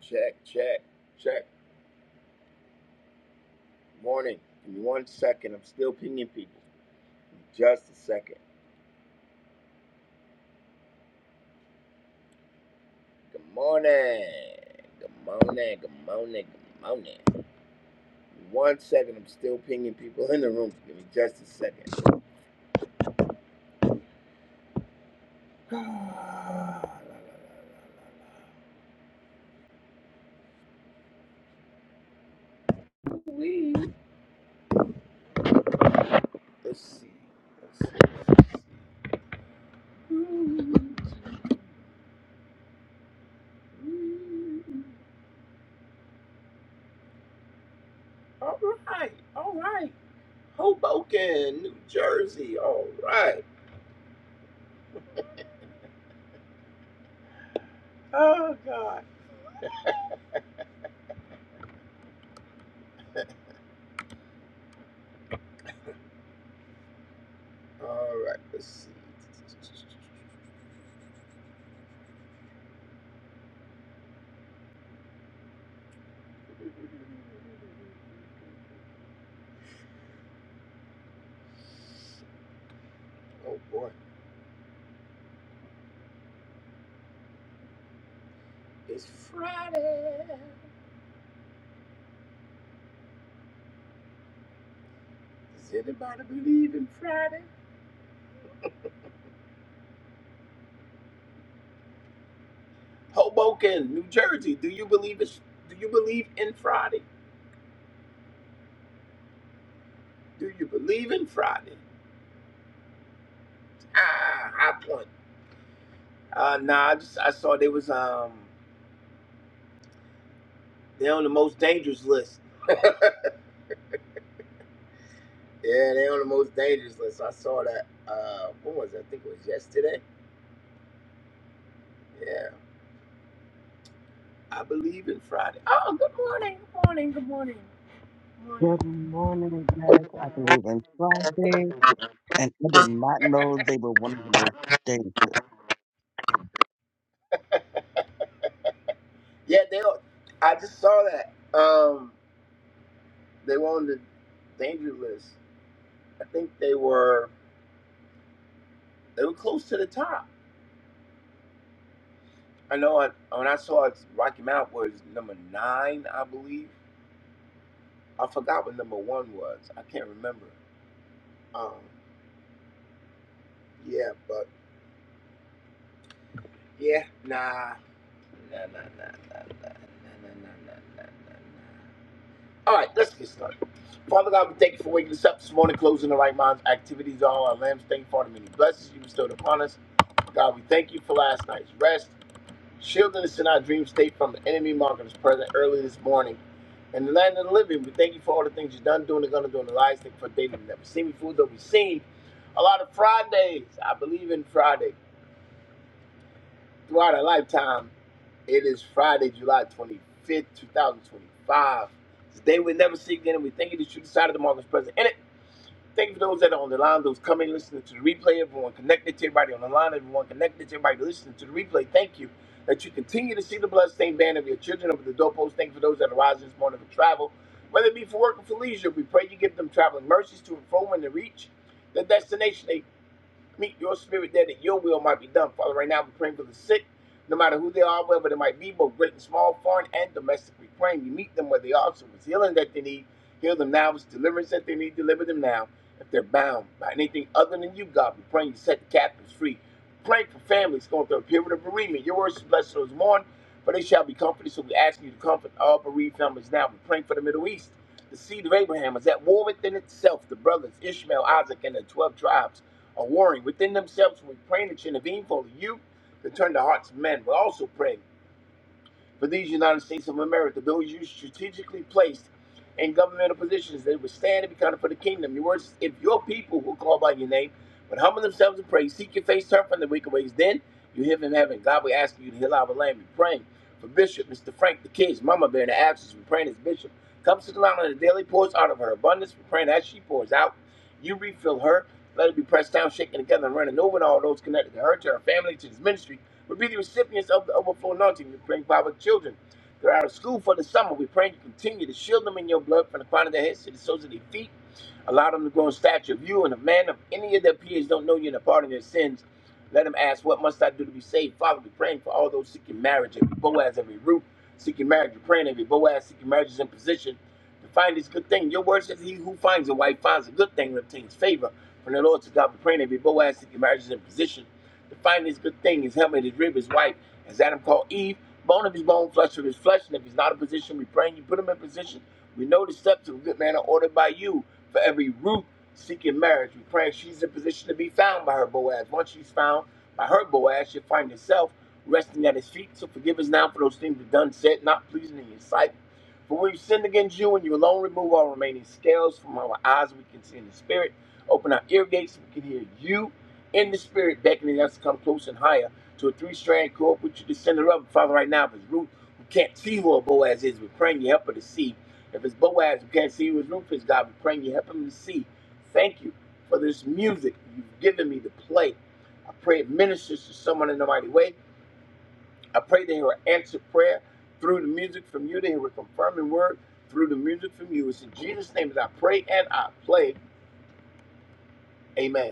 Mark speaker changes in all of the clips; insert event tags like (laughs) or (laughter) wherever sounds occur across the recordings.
Speaker 1: Check, check, check. Morning. Give me one second. I'm still pinging people. Just a second. Good morning. Good morning. Good morning. Good morning. One second. I'm still pinging people in the room. Give me just a second. Let's see. Let's see. All right. All right. Hoboken, New Jersey. All right. Oh, God. All right. Let's see. Oh, boy. It's Friday. Does anybody believe in Friday? Hoboken, New Jersey. Do you believe it? Do you believe in Friday? Do you believe in Friday? Ah, high point. Uh, nah, I just I saw they was um they on the most dangerous list. Yeah, they on the most dangerous list. I saw that. Uh, what was it? I think it was yesterday. Yeah, I believe in Friday. Oh, good morning, good morning, good morning, good morning.
Speaker 2: Good morning, guys. I believe in Friday, and I did not know they were one of the most days.
Speaker 1: Yeah, they. on- I just saw that. Um. They were on the danger list. I think they were they were close to the top. I know I, when I saw it, Rocky Mount was number nine, I believe. I forgot what number one was. I can't remember. Um, yeah, but yeah, nah, nah, nah, nah, nah, nah, nah, nah, nah, nah, nah. nah. nah, nah. All right, let's get started. Father God, we thank you for waking us up this morning, closing the right minds, activities, all our lambs. Thank you for the many blessings you bestowed upon us. God, we thank you for last night's rest. shielding us in our dream state from the enemy, marking us present early this morning. In the land of the living, we thank you for all the things you've done, doing, and gonna do in the lives. Thank you for a day that we've never seen before, that we've seen. A lot of Fridays. I believe in Friday. Throughout our lifetime, it is Friday, July 25th, 2025. It's a day we never see again, and we thank you that you decided to mark us present in it. Thank you for those that are on the line, those coming, listening to the replay. Everyone connected to everybody on the line, everyone connected to everybody listening to the replay. Thank you that you continue to see the bloodstained band of your children over the doorpost. Thank you for those that are rising this morning for travel, whether it be for work or for leisure. We pray you give them traveling mercies to inform and to reach the destination meet your spirit there that your will might be done. Father, right now we're praying for the sick, no matter who they are, wherever they might be, both great and small, foreign and domestic. We praying you meet them where they are. So it's healing that they need, heal them now. If It's deliverance that they need, deliver them now. If they're bound by anything other than you, God, we are praying you set the captives free. Praying for families going through a period of bereavement. Your words blessed those who mourn, for they shall be comforted. So we ask you to comfort all bereaved families now. we are praying for the Middle East. The seed of Abraham is at war within itself. The brothers Ishmael, Isaac, and the 12 tribes are warring within themselves. we pray that you intervene for the youth to turn the hearts of men. we also pray for these United States of America, those you strategically placed in governmental positions that would stand and be counted for the kingdom. Your words, if your people who call by your name would humble themselves and pray, seek your face, turn from the wicked ways, then you hear from heaven. God will ask you to heal our land. We're praying for Bishop, Mr. Frank, the kids, Mama Bear in the absence. We're praying as Bishop comes to the line and the daily pours out of her abundance. We're praying as she pours out, you refill her. Let it be pressed down, shaken together, and running over to all those connected to her, to her family, to this ministry will be the recipients of the overflow anointing. We pray for our children. They're out of school for the summer. We pray you continue to shield them in your blood from the crown of their heads to the soles of their feet. Allow them to grow in stature of you and a man of any of their peers don't know you and the pardon of their sins. Let them ask, What must I do to be saved? Father, we're praying for all those seeking marriage, every Boaz, every Ruth seeking marriage. We're praying every Boaz seeking marriage is in position to find this good thing. Your word says, He who finds a wife finds a good thing and obtains favor from the Lord to God. We're praying every Boaz seeking marriage is in position to find this good thing, his helmet, his rib, his wife, as Adam called Eve, bone of his bone, flesh of his flesh. And if he's not in position, we pray and you put him in position. We know the steps of a good man are ordered by you. For every root seeking marriage, we pray she's in position to be found by her Boaz. Once she's found by her Boaz, she'll find herself resting at his feet. So forgive us now for those things we've done, said, not pleasing in your sight. For we've sinned against you, and you alone remove all remaining scales from our eyes. We can see in the spirit. Open our ear gates, so we can hear you in the spirit, beckoning us to come close and higher to a three-strand cord, which you the center of Father, right now, if it's Ruth who can't see who her Boaz is, we're praying you help her to see. If it's Boaz who can't see who his Ruth is, God, we're praying you help him to see. Thank you for this music you've given me to play. I pray it ministers to someone in a mighty way. I pray they hear an answered prayer through the music from you. They hear a confirming word through the music from you. It's in Jesus' name that I pray and I play. Amen.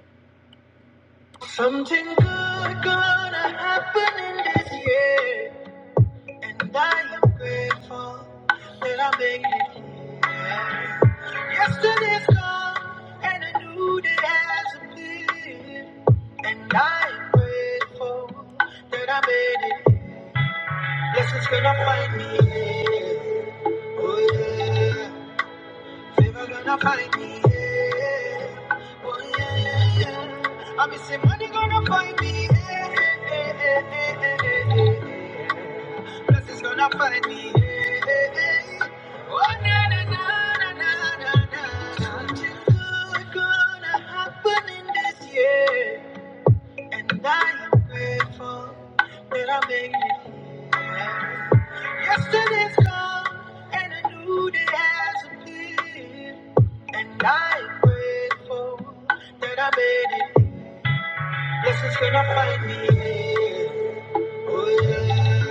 Speaker 1: Something good gonna happen in this year, and I am grateful that I made it here. Yesterday's gone, and a new day has appeared, and I am grateful that I made it. here. Blessings gonna find me. here. Oh yeah. Favor gonna find me, yeah. Oh, yeah, yeah, yeah. I be say money gonna find me, yeah, yeah, yeah, yeah, yeah, yeah, yeah, yeah. Blessings gonna find me, yeah, yeah, yeah. Oh, na, na, na, na, na, na, na. Something good gonna happen in this year. And I am grateful that I made it here. Yesterday's gone, and a new day has appeared. And I am grateful that I made it. Blessings gonna find me here. Oh yeah.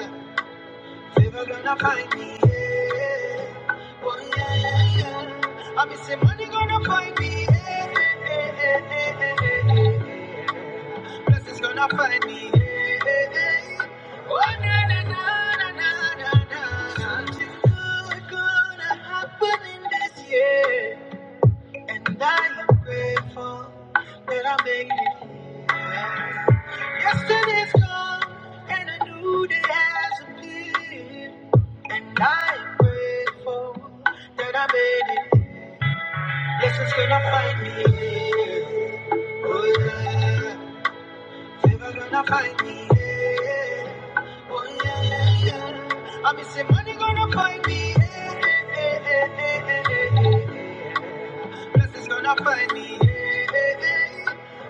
Speaker 1: Never gonna find me, yeah. Oh, yeah, yeah, yeah. I be say money gonna find me, yeah. yeah, yeah, yeah, yeah, yeah, yeah. Blessings gonna find me, yeah. yeah, yeah. Oh, na, na, na, na, na, na, na. Something good gonna happen in this year. And I am grateful that I made it here. Yesterday's gone and a new day has appeared. And I am grateful that I made it here. Blessings gonna find me here. Oh yeah. Favor gonna find me here. Oh yeah, yeah, yeah. I miss say money gonna find me here. Blessings gonna find me.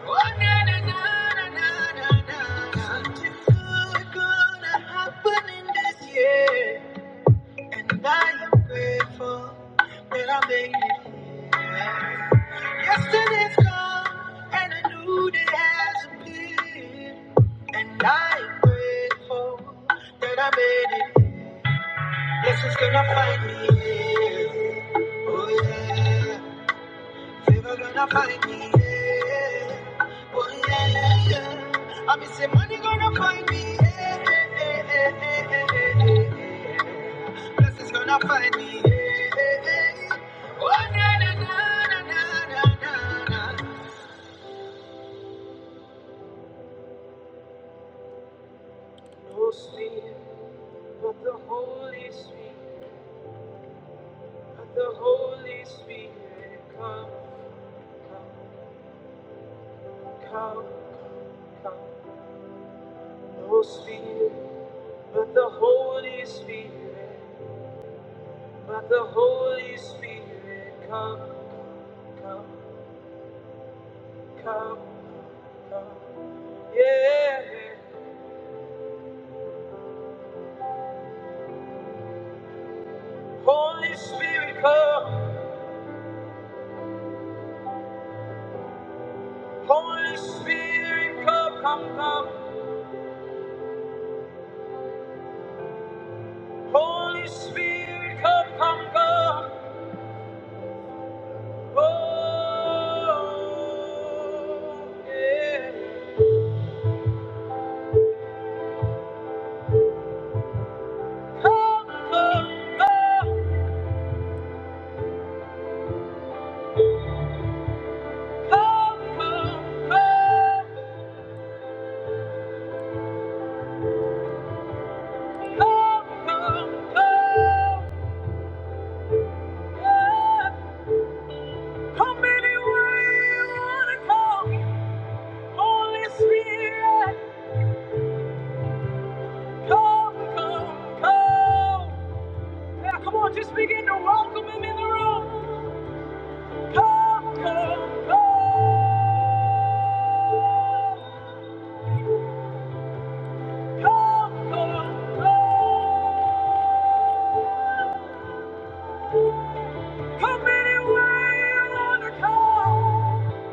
Speaker 1: Oh, na, na, na, na, na, na, na. Something good gonna happen in this year, and I am grateful that I made it. here. Yesterday's gone, and a new day has appeared, and I am grateful that I made it. Blessings gonna find me. Oh, yeah. Favor gonna find me. Yeah. Oh yeah, yeah. I miss say money gonna find me. Yeah. yeah, yeah, yeah, yeah, yeah. Blessings gonna find me. Yeah. yeah, yeah. Oh na na na na na na na. No sleep, but the Holy Spirit, but the Holy Spirit come, come, come, come. come. No Spirit, but the Holy Spirit, but the Holy Spirit, come, come, come, come, yeah. Holy Spirit, come. Holy Spirit, come, come, come. Holy Spirit, come, come, come. Oh, yeah. Come, come, come, come, come, come. Just begin to welcome him in the room. Come, come, come, come, come, come. Come anywhere you wanna come.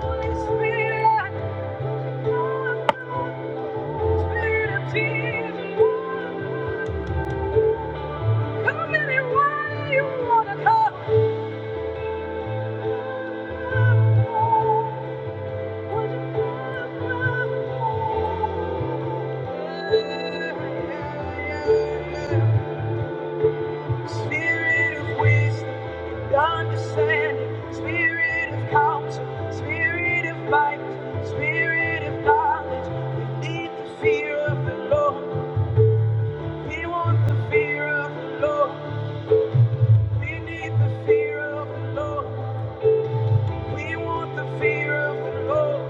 Speaker 1: Holy Spirit, Spirit of Jesus. Come any way you wanna come. Spirit of wisdom understanding, spirit of counsel, spirit of might, spirit of knowledge. We need the fear of the Lord. We want the fear of the Lord. We need the fear of the Lord. We want the fear of the Lord.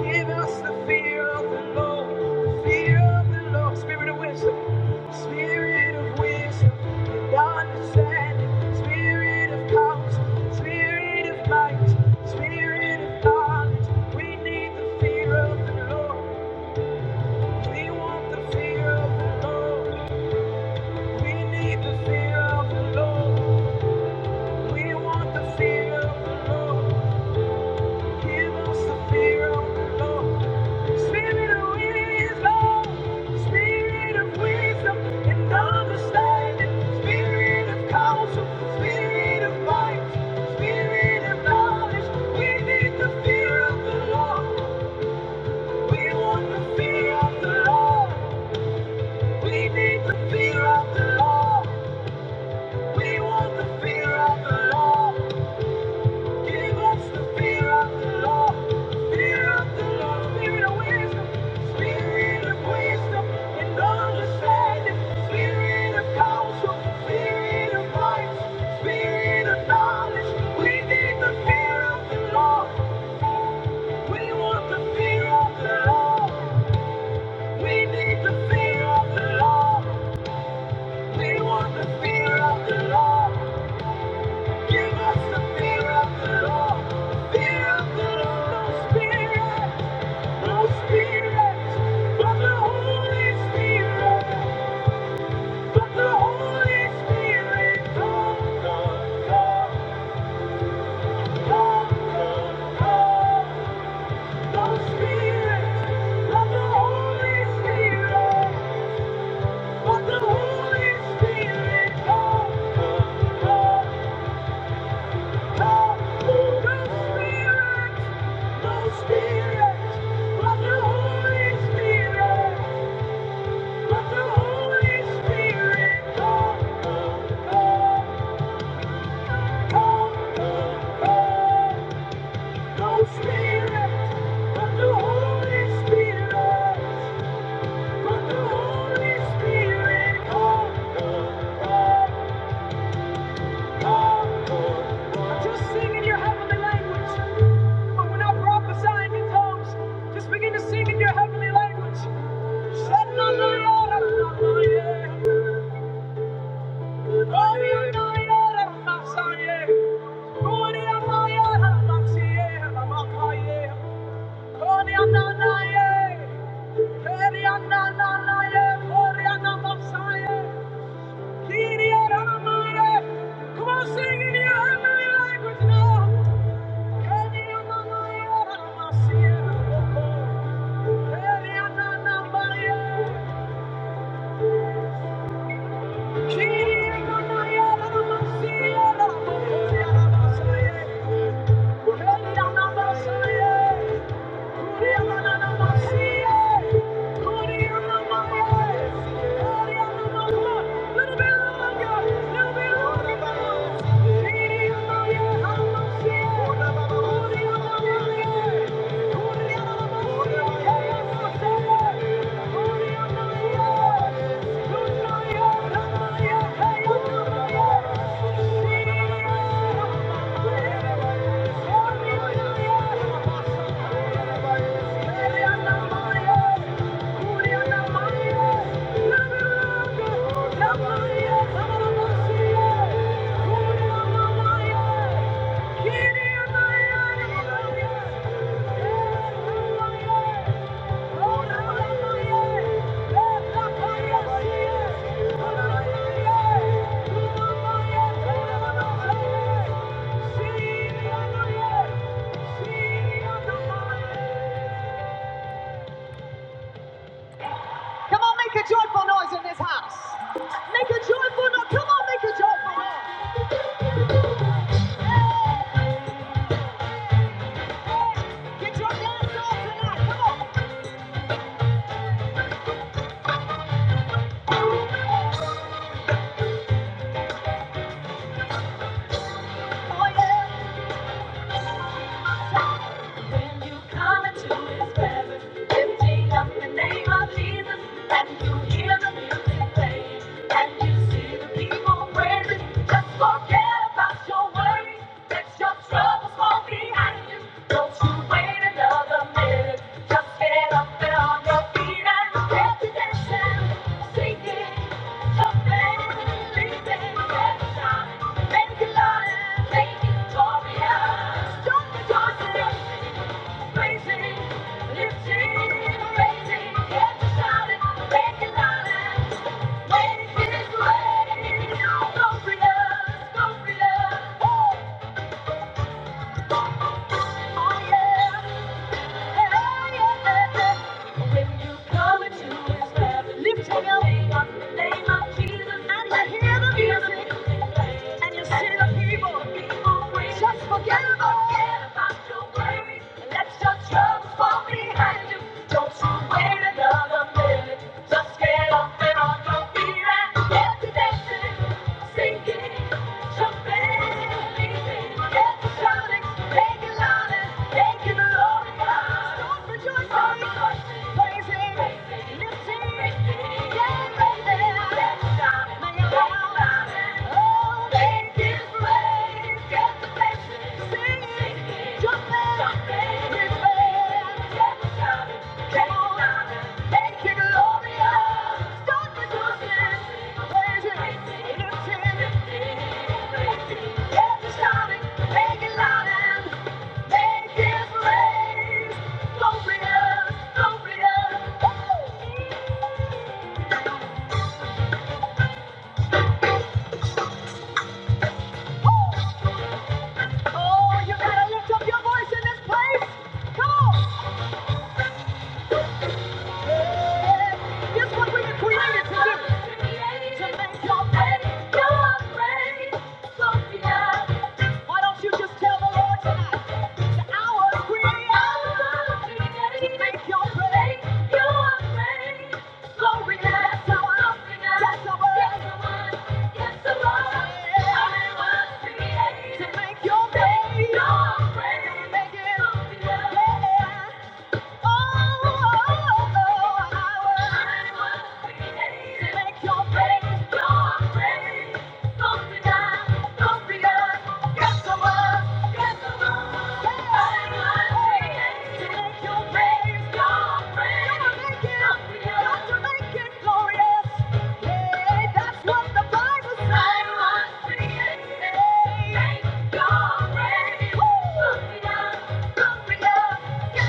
Speaker 1: Give us the fear of the Lord, the fear of the Lord, spirit of wisdom, spirit of wisdom and understanding, spirit of counsel, spirit of might, spirit of knowledge. We need the fear of the Lord. We want the fear of the Lord. We need the fear of the Lord. We want the fear of the Lord. Give us the fear of the Lord. Spirit of wisdom, spirit of wisdom and understanding, spirit of counsel, spirit of might, spirit of knowledge. We need the fear of the Lord. We want the fear of the Lord. We need the fear of the Lord. We want the fear of the Lord. Give us the fear of the Lord, fear of the Lord, spirit of wisdom, spirit of wisdom and understanding, spirit of counsel, spirit of might, spirit of knowledge. We need the fear of the Lord. We want the fear of the Lord. We need the fear of the Lord. We want the fear of the Lord. Give us the fear of the fear of the no spirit, no spirit, but the Holy Spirit, but the Holy Spirit, come, come, come, come, no spirit, but the Holy Spirit, but the Holy Spirit, come, come, come. Spirit, let the Holy Spirit come, come, come. Just sing in your heavenly language. When we're in tongues, just begin to sing in your heavenly language. Come on, sing in your heavenly language now. Kadiamamayaramasiyaramoko. Kadiananamaya. Thank you. Yeah. Come on, make a joyful noise in this house. Make a joyful noise. Come on, make a joyful noise. Hey, Get your dance on tonight. Come on. Oh, yeah. When you come into his presence, lifting up the name of Jesus, and you hear the music playing, and you see the people praising, just forget about your worries, let your troubles fall behind you. Don't you wait another minute. Just get up and on your feet and get to dancing, singing, jumping, leaping, every time. Make it loud make it glorious. Don't rejoice in lifting, raising, get to shouting, make it loud and make it rain. Go for oh, oh yeah. When you come into his presence, lifting up the name of Jesus, and you hear the music, and you see the people, just forget about your worries. Let your troubles fall behind you. Don't you wait another minute. Just get up and on your feet and Thank you. Oh, you gotta lift up your voice in this place! Come on! That's what created to make your faith your praise, Sophia. Why don't you just tell the Lord tonight I was created to make your praise your praise, Gloria. That's how I- that's how I- I was created to make your praise, Your praise. Make Yeah. Yes.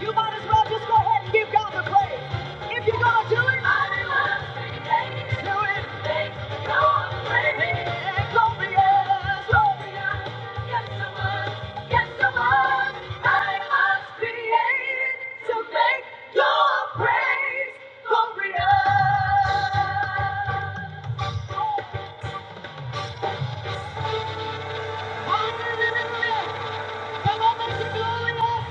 Speaker 1: You might as well just go ahead and give God the praise. If you're gonna do it, do it. Yeah, glorious, glorious. Yes, I was. Yes, I was. I was created to make your praise glorious. Come on, make it glorious!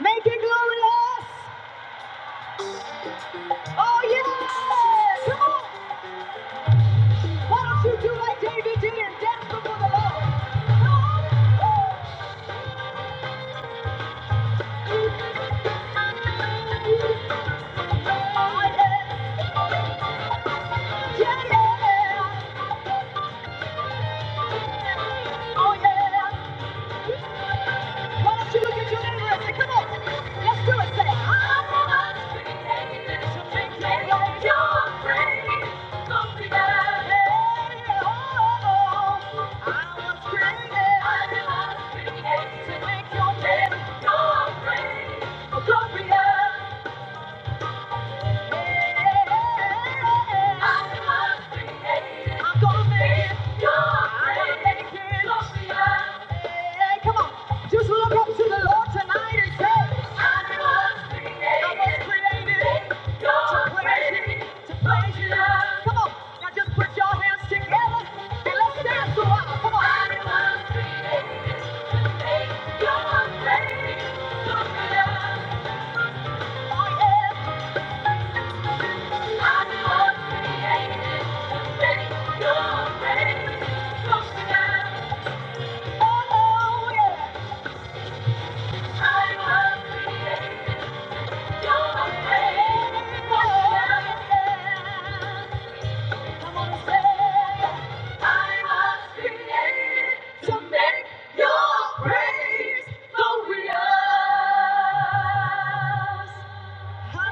Speaker 1: Make it glorious! Oh yeah! Come on! Why don't you do like David did and dance before the Lord? Come on! Oh yeah! Yeah yeah! Oh yeah! Why don't you look at your neighbor and come on, let's do it. Say, I'm not like you're free. Something that hey, oh, oh, oh. I was created to make your neighbor go free. Come on, Thank you.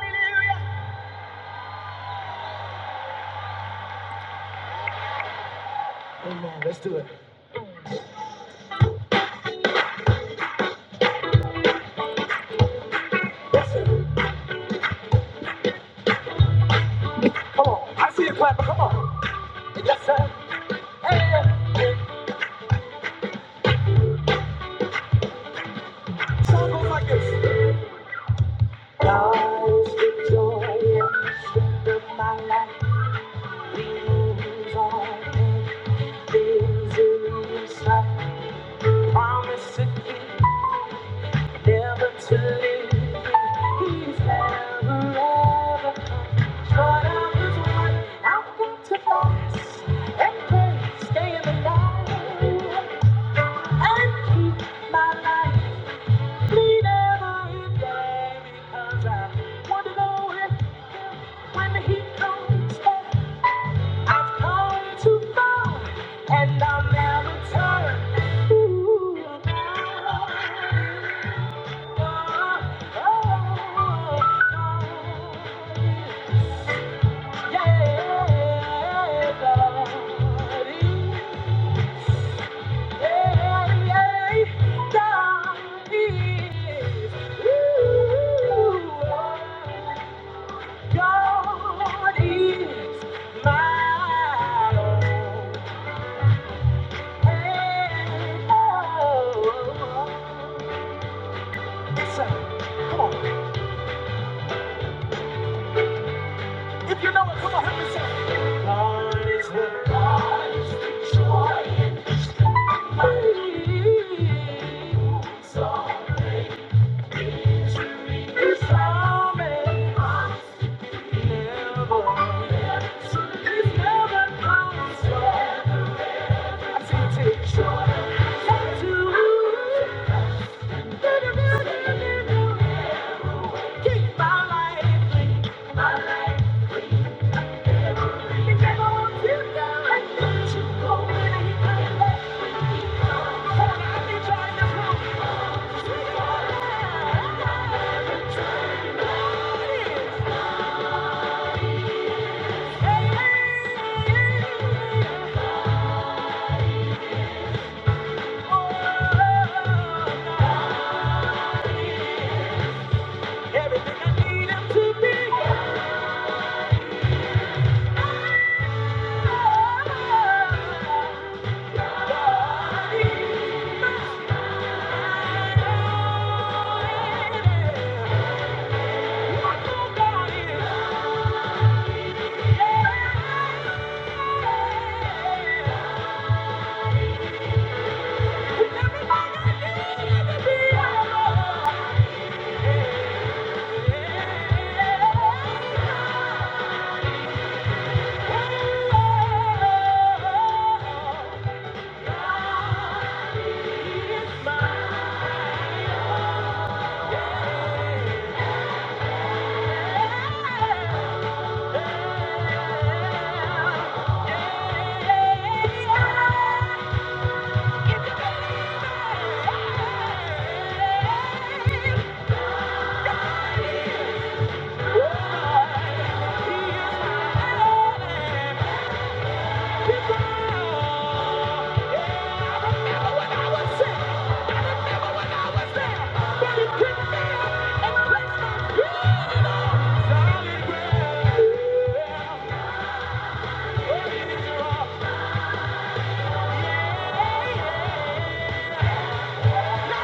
Speaker 1: Hallelujah. Come on, I see you clap, but Come on. Yes, sir. Yeah. Song goes like this. Now is the joy and strength of my life. Dreams on things in sight. Promise to keep, never to leave. He's never ever short of his word. I'm going to fast and pray, stay in the light and keep my life. He never hit back because I want to know if when he comes back, I've come too far and I'll never turn. Ooh, oh, oh, oh. Yeah, God is. If you know it, come on, help me sing. God is the God is the joy in the strength of my this Thank you. Everything I need to be. Yeah.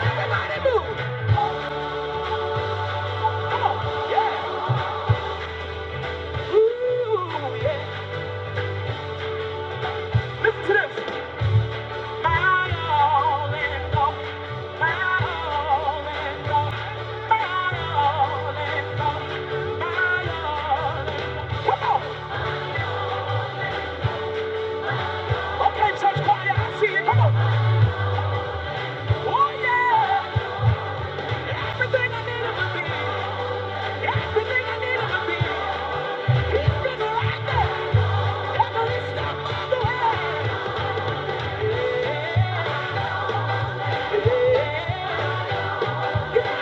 Speaker 1: Everybody move! Come on! Yeah! Ooh, yeah! Listen to this! Yeah. Yeah.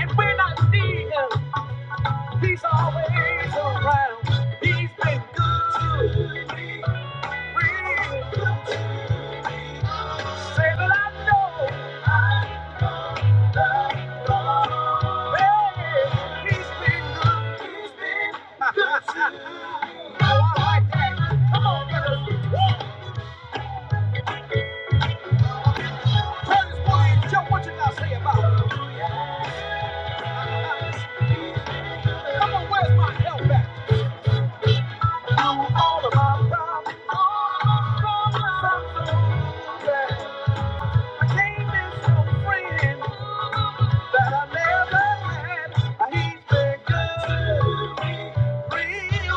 Speaker 1: and When I see them always around, these things bring joy. Real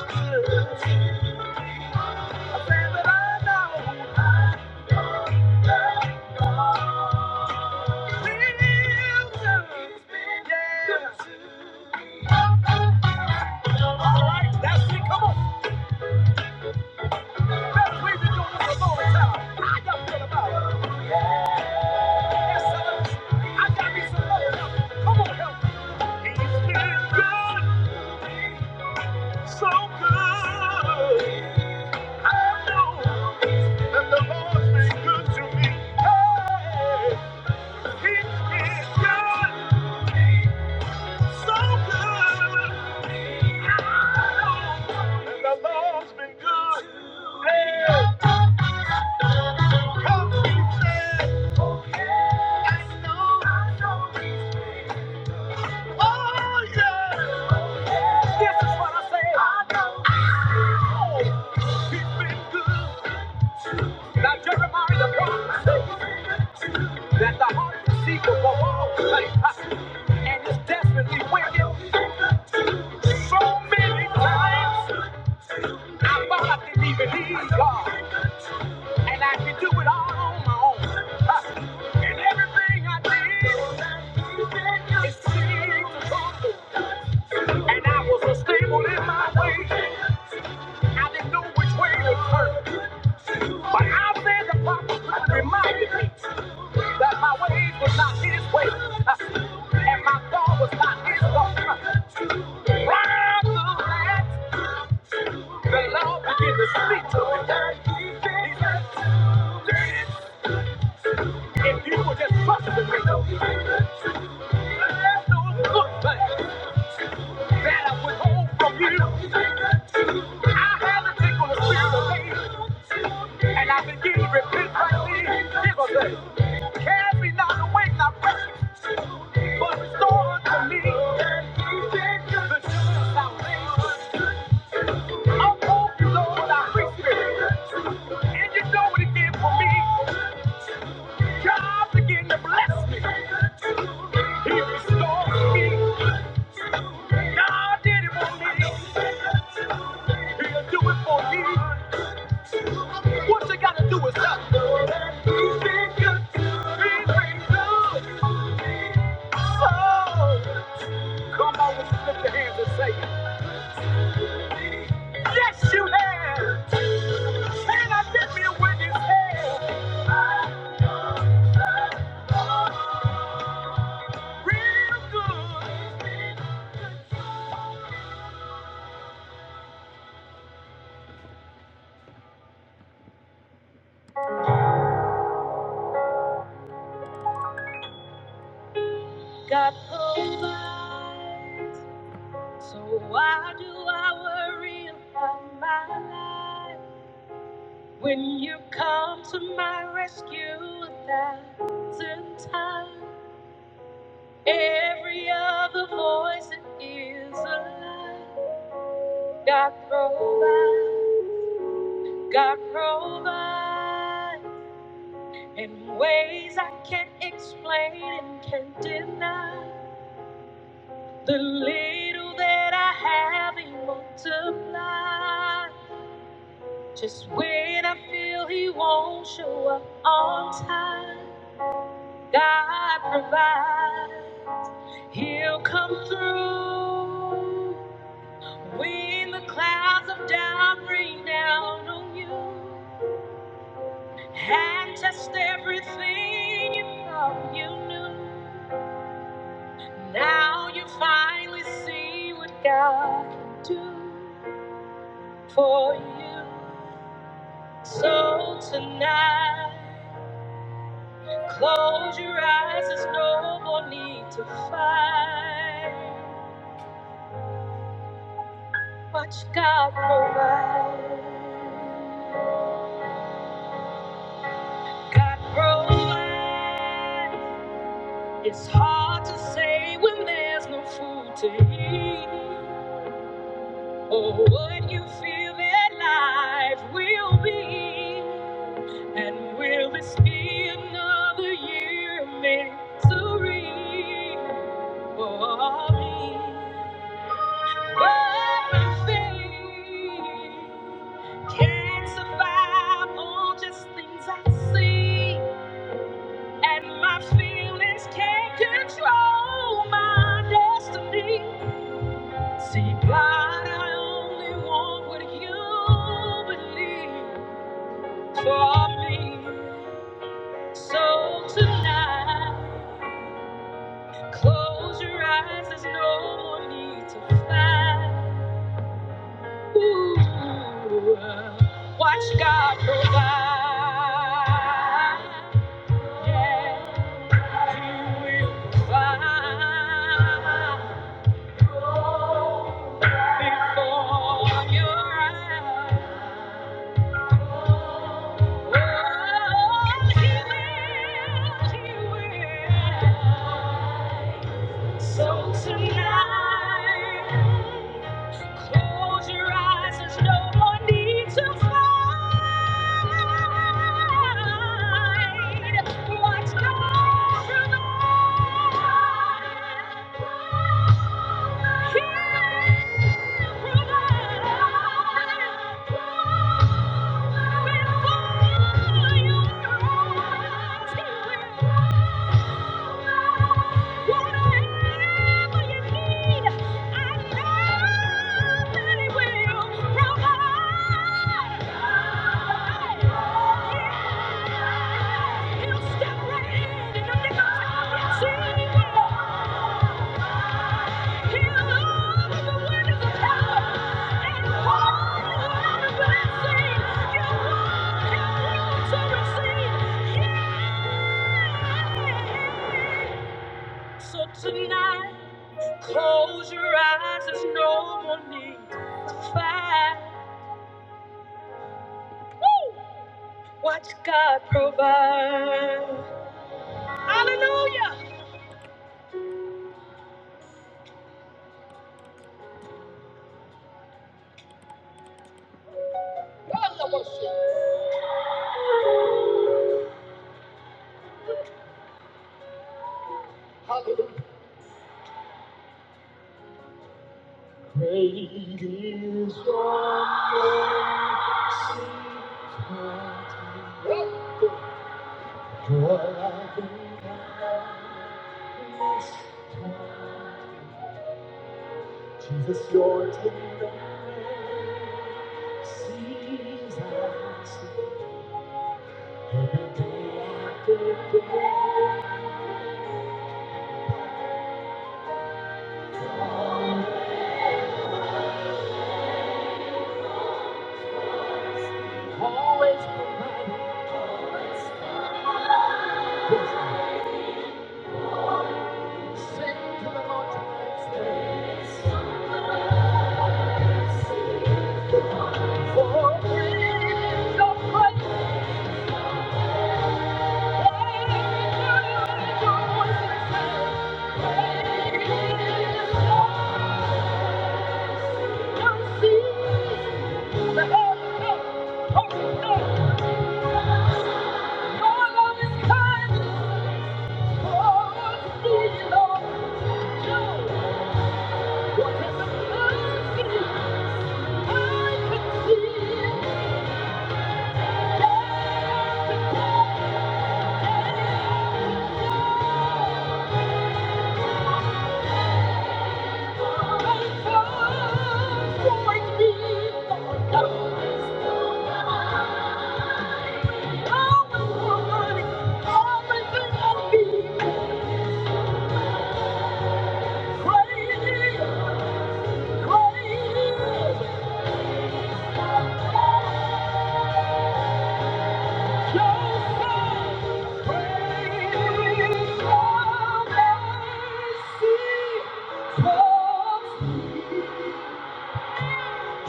Speaker 1: good. I said that I know I love God. Hey! He's been good, so good. And the Lord's been good. Hey, come he said. I know. I know. This is what I say. I know. I know. He's been good. Now Jeremiah the prophet said that the heart is deceitful above all things, and it's desperately wicked. So many times I thought I didn't even need God. And I could do it all on my own. Uh, And everything I did is seemed to come. And I was unstable in my ways. I didn't know which way to turn. But I said the prophet reminded me that my ways was not his way, uh, and my thought was not his thought. Uh, Right after that, the Lord began to speak to me. He said, "Dirty If you would just trust me, let those good things that I withhold from you, I have a tickle of spirit of faith, and I begin to repent right then. Jesus said, Cast me not away, not precious, but restore unto me the joy of salvation. Uphold you, Lord, our free spirit, and you know what it did for me. God began to bless me. He restored me. God did it for me. He'll do it for you. What you gotta do is stop. He's been good. He's been good. So, come on, let's lift your hands and say, Yes, you have. And I did me with his hand. Real good. God provides. So why do I worry about my life when you come to my rescue a thousand times? Every other voice that is a lie. God provides, God provides in ways I can't explain and can't deny. The little that I have, He multiplies. Just when I feel he won't show up on time, God provides. He'll come through when the clouds of doubt rain down on you and test everything you thought you knew. Now you finally see what God can do for you. So tonight. Close your eyes, there's no more need to fight. Watch God provide. God provide. It's hard to say when there's no food to eat, or what you feel that life will be. And will this be another year of misery for me? See, God, I only want what you believe for me. So tonight, close your eyes, there's no more need to fight. Watch God provide. Yeah, He will provide before your eyes. Oh, He will, He will. So tonight, close your eyes. There's no more need to fight. Thank you. So tonight Close your eyes, there's no more need to fight. Woo! Watch God provide. Hallelujah! Love the worship. Hallelujah. Great is your mercy. toward me. Your life in Christ. Jesus, your kingdom. Seasons. Always provided for praise of Christ. Thank you. you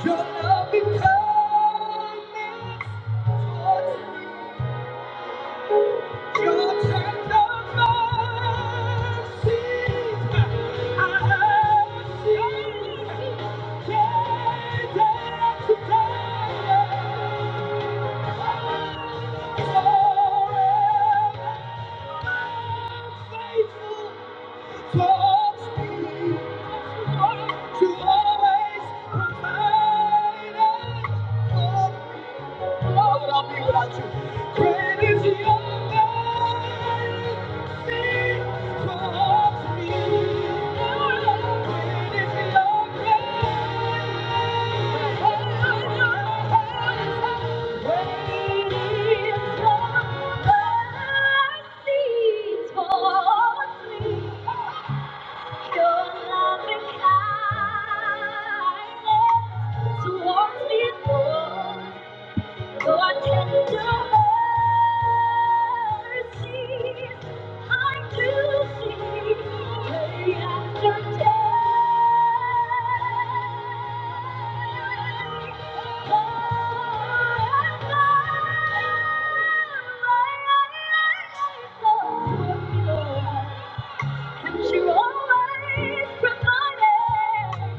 Speaker 1: Your love becomes To always provide us with what I'll be with Towards me, Lord. Your tender mercies I do see day after day. Forever, my eyes are so pure, And you always provided.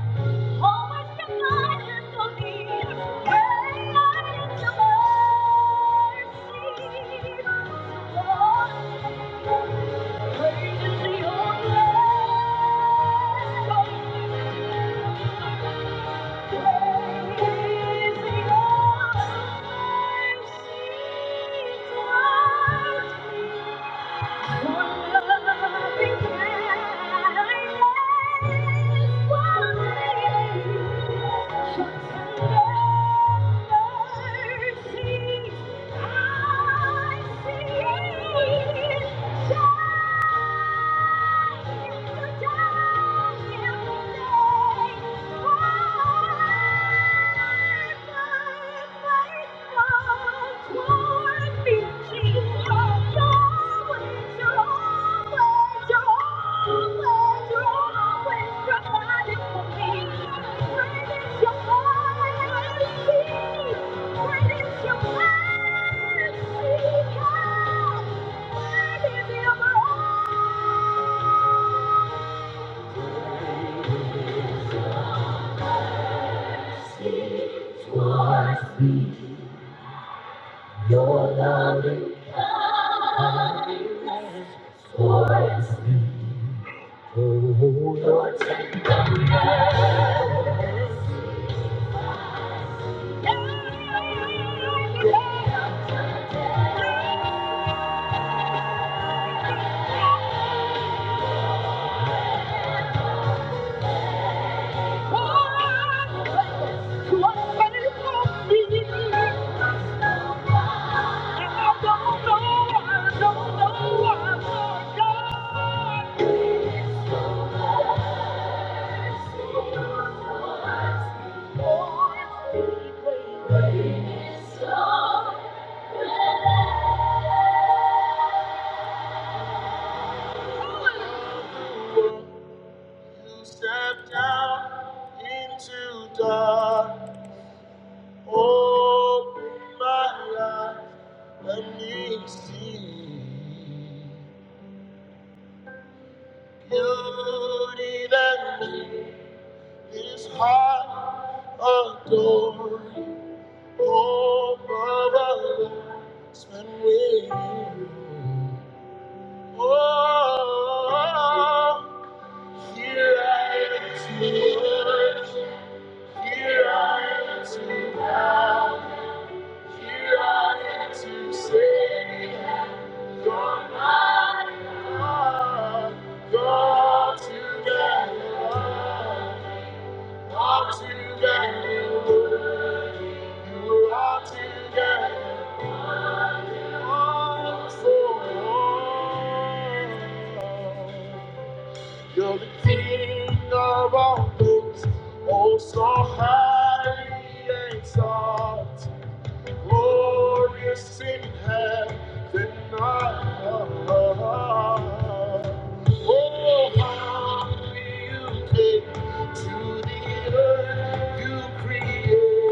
Speaker 1: Thank you. Thank you. Your love is for me. You step down into dark. Open my eyes, let me see beauty that made this heart adore. you. Hope of a life spent with you. Here I am to say, You're my heart. All together, you are all for all. You're the king of all things, oh so high highly exalted, glorious in heaven and earth. Oh, how you came to the earth you created.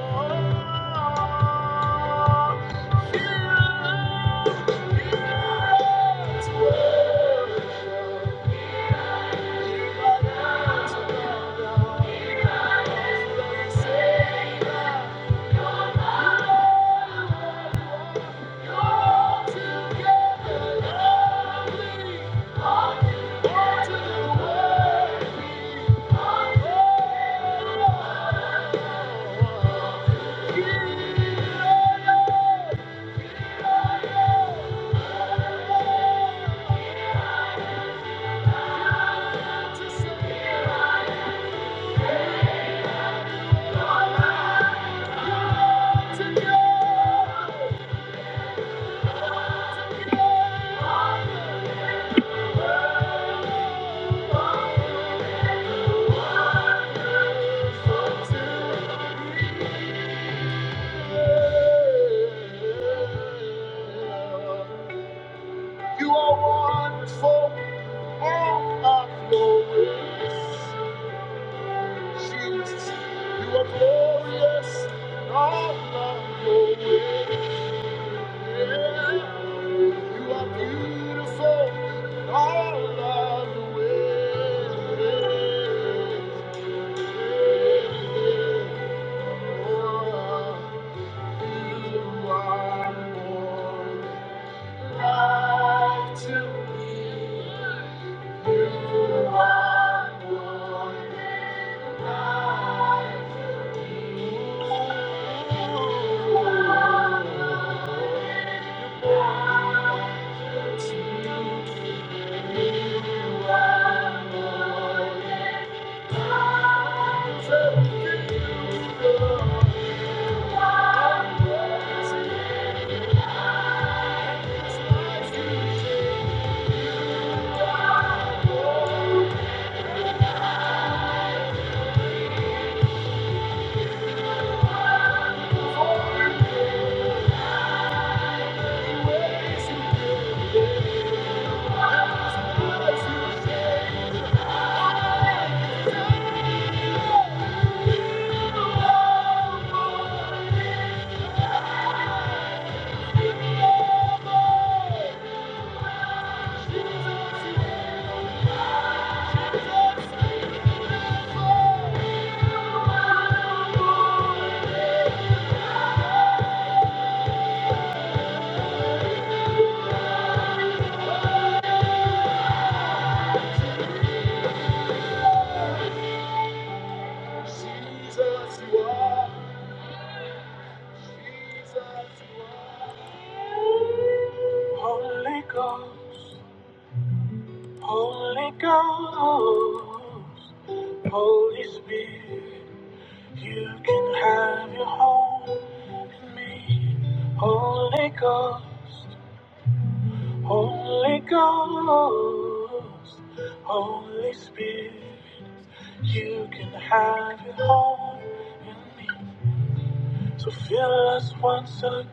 Speaker 1: Oh, to the mountain of God, You are wonderful, all of Jesus, you are glorious, in all of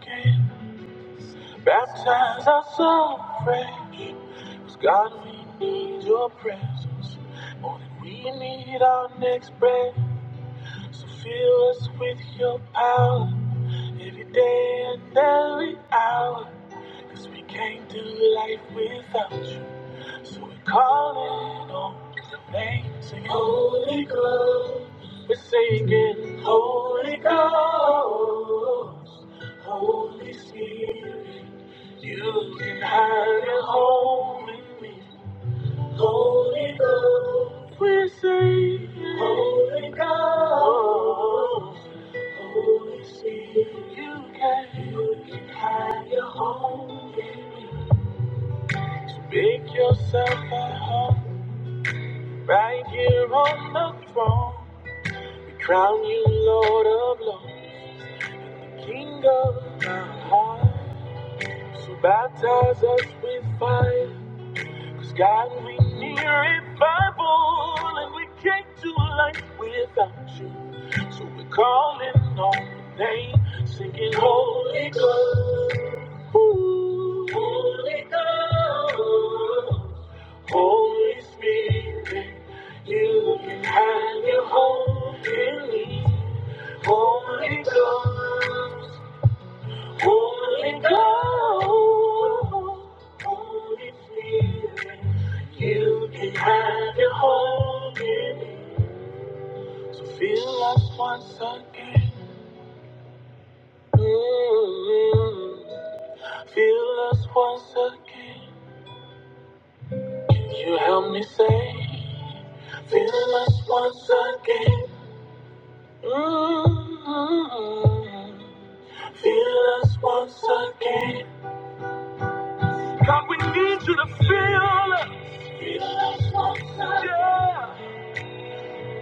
Speaker 1: Again, baptize us so fresh. 'Cause God, we need your presence more than we need our next breath. So fill us with your power every day and every hour, 'cause we can't do life without you. So we're calling on the name. Sing Holy Ghost. We're singing Holy Ghost. Holy Spirit. You can have your home in me. Holy Ghost. We're singing Holy Ghost. Holy Spirit, you can have your home in me. So make yourself at home right here on the throne. We crown you Lord of Lords, King of our hearts. So baptize us with fire God, we need revival, and we can't do life without you. So we're calling on your name, singing Holy Ghost, Ooh. Holy Ghost, Holy Spirit. You can have your home in me. So feel us once again. mm Feel us once again. Can you help me say? Feel us once again. Feel us once again. God, we need you to feel us. Feel us once again. Yeah.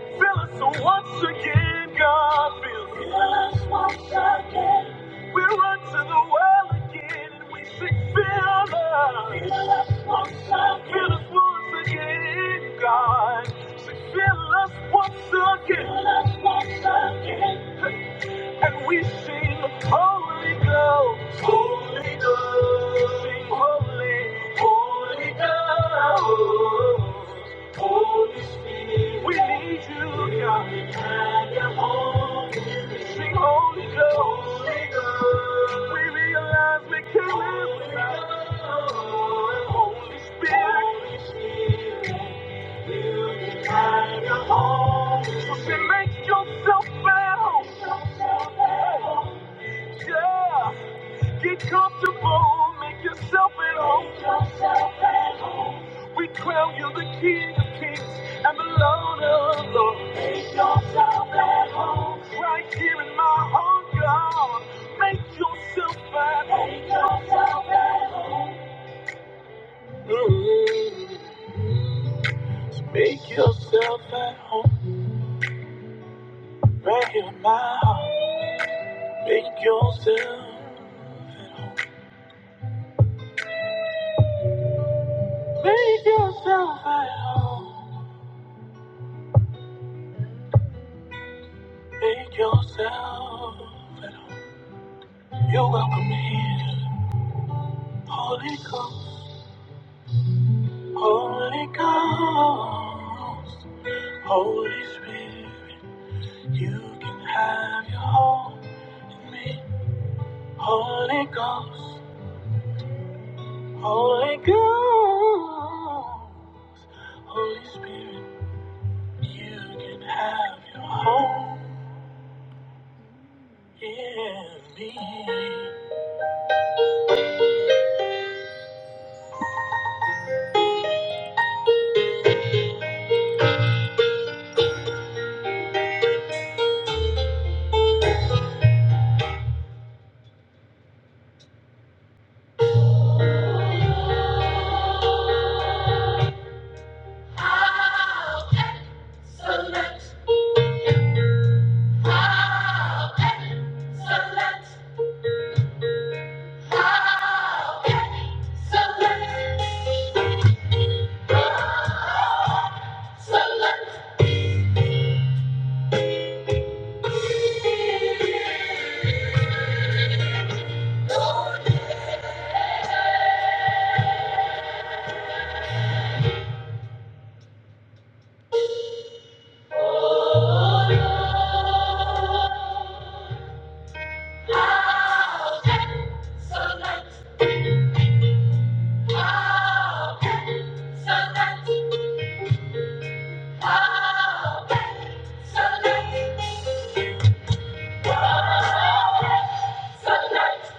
Speaker 1: Feel us so once again, God. Feel, feel us once again. We run to the well again. We look and sing Holy Ghost. Right here in my heart, God. Make yourself at home. Mm. Make yourself at home. Right here in my heart. Make yourself, make yourself at home. Make yourself at home. You're welcome here. Holy Ghost, Holy Ghost, Holy Spirit, you can have your home in me. Holy Ghost, Holy Ghost, Holy Spirit, you can have your home in me. Select! Oh, so nice, so nice,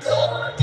Speaker 1: dear Lord.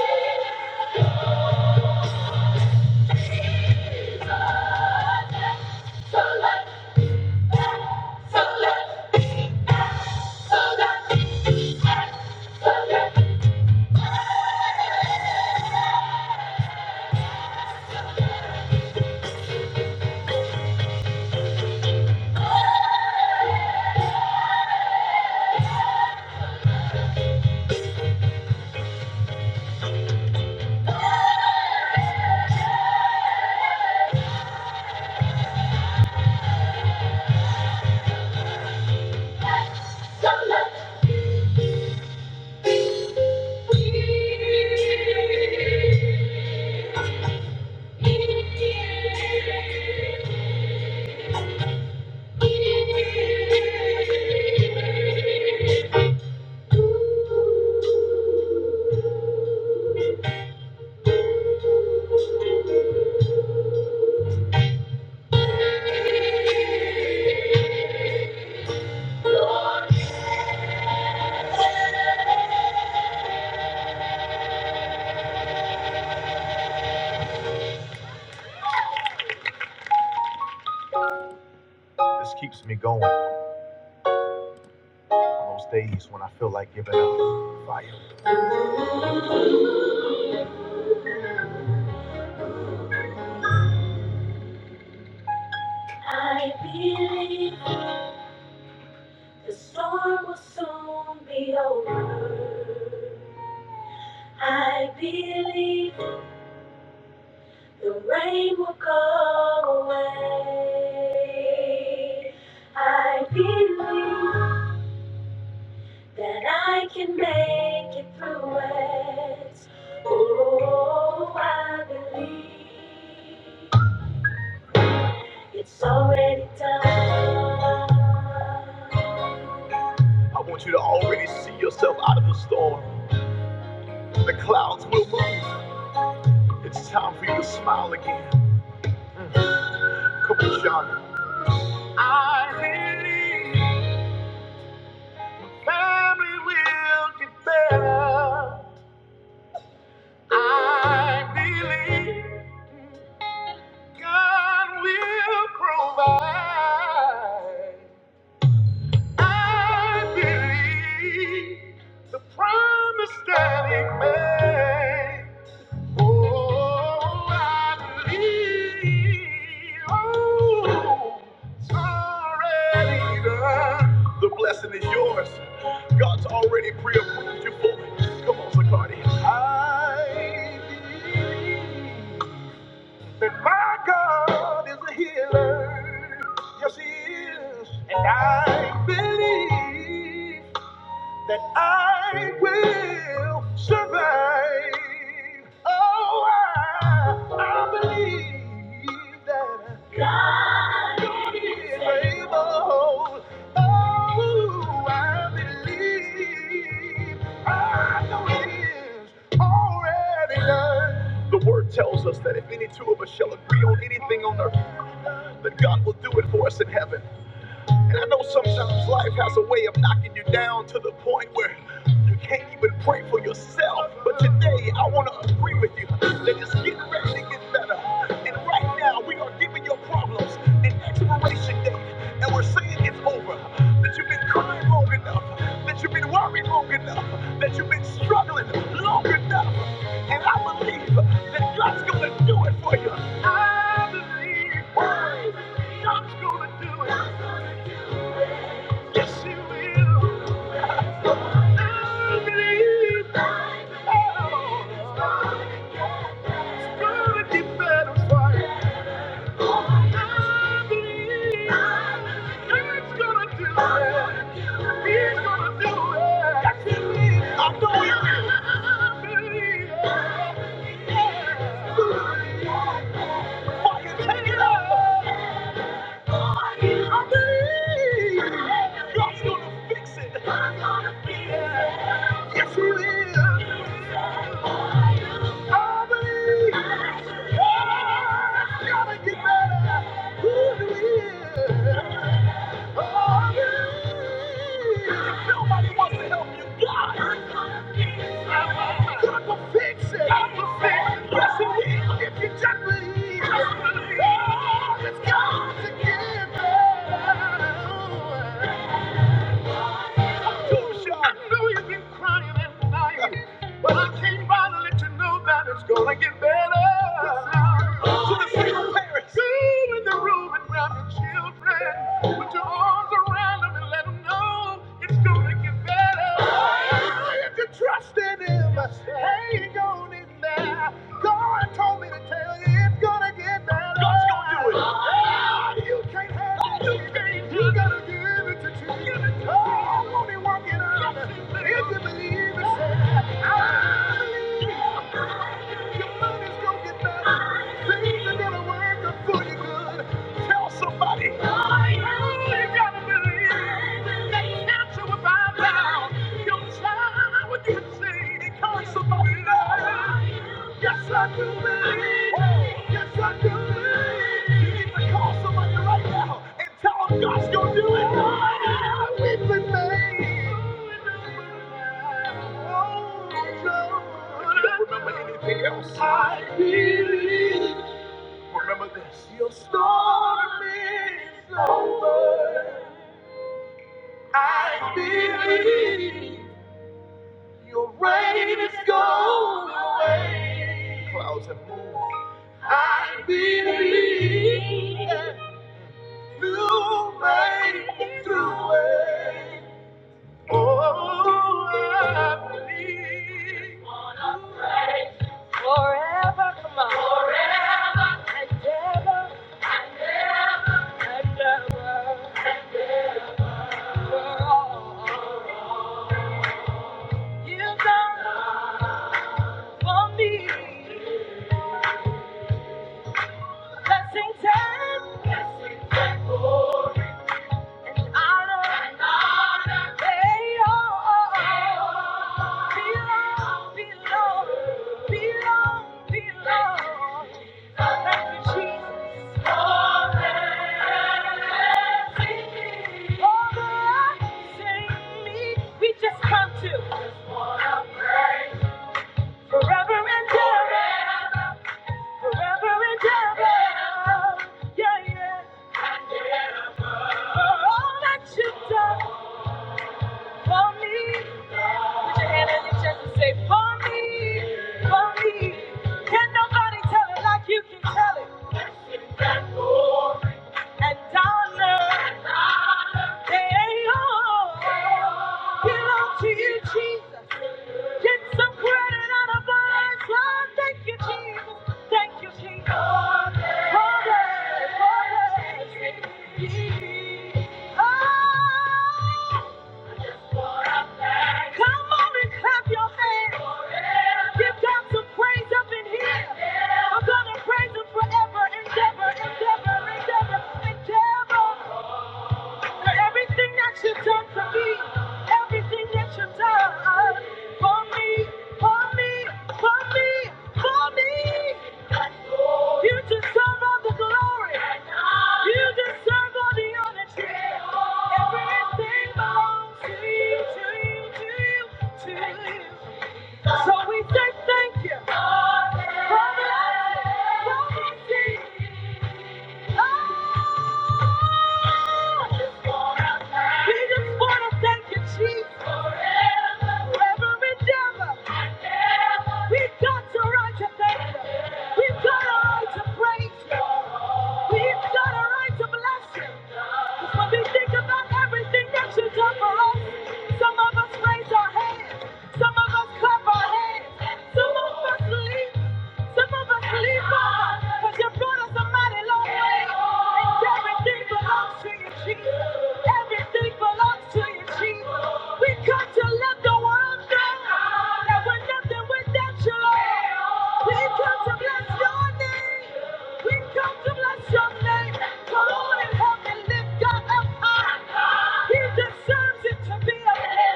Speaker 1: Lord, I believe the storm will soon be over. I believe the rain will go away. I believe that I can make it through it. Oh, I believe. It's already done. I want you to already see yourself out of the storm. The clouds will move, stop smiling. I believe family will get better. I believe God will provide. I believe the promise that He made. Oh, I believe, oh, sorry, uh, the blessing is yours. God's already pre-approved you for it. Come on, Zacardi. I believe that my God is a healer. Yes, he is. And I believe that I will survive. Oh, I, I believe that I'm able. Oh, I believe I know it is already done. The word tells us that if any two of us shall agree on anything on earth, then God will do it for us in heaven. And I know sometimes life has a way of knocking you down to the point where you can't even pray for yourself. But today, I want to agree with you that it's getting ready to get better. And right now, we are giving your problems an expiration date. And we're saying it's over. That you've been crying long enough. That you've been worried long enough. That you've been struggling long enough. And I believe that God's going to do it for you. I believe God's going to do it. Yes, He will. Fire, take it. Yeah. I believe God's gonna fix it. Yes, He will. I believe God's gonna get better. Who do I believe. If nobody wants to help you, God. Yes, He will. It's got to get better. I know you've been crying and dying, but I came by to let you know that it's gonna get better. Go in the room and grab your children. Put your arms around them and let them know it's gonna get better. Oh, If you trust in him, hang on in there. God told me to tell you it's gonna get better. God's gonna do it. Ah, You can't have it. You can't. You gotta give it to Jesus. Oh, won't he work it out? If you believe it, say. Somebody, you gotta believe you answer with my mouth. Your child would get saved because somebody loves you. Yes, I do believe. Yes, I do believe. You need to call somebody right now and tell them God's gonna do it. Oh, We've been made. Oh, Lord. If you Don't remember anything else. I believe. Remember this. Your storm, your rain is gone away. Clouds have moved. Forever, come on. Forever and ever and ever. You done for me. Blessings and honor. They all belong, belong, belong, belong. Thank you, Jesus. for Over us, sing me. We just come to forever and ever. Forever and ever. Yeah, yeah. For all that you've done for me. Put your hand on your chest and say, For me, for me. Can nobody tell it like you can tell it? And Donna, they all belong to you, Jesus. Get some credit out of mine. Lord, thank you, Jesus. Thank you, Jesus. Glory, glory. Oh, come on and clap your hands. Give God some praise up in here. I'm gonna praise Him forever, endeavor, endeavor, endeavor, endeavor. For everything that you've done for me, everything that you've done uh, for me, for me, for me, for me. You deserve all the glory. You deserve all the honor. Everything belongs to you, to you, to you, to you. So we say thank you. For blessing, for mercy, We just want to thank you, Jesus. Every devil, we've got a right to thank you. We've got a right to praise you. We've got a right to bless you. When we think about everything that you have done for us, some of us raise our hands, some of us clap our hands, some of us leap, some of us leap on, because you brought us a mighty long way. And everything belongs to you, Jesus. Everything belongs to you, Jesus. We come to let the world know that we're nothing without you, Lord. We come to bless your name. We come to bless your name. Come on and help me lift God up high. He deserves it to be a man.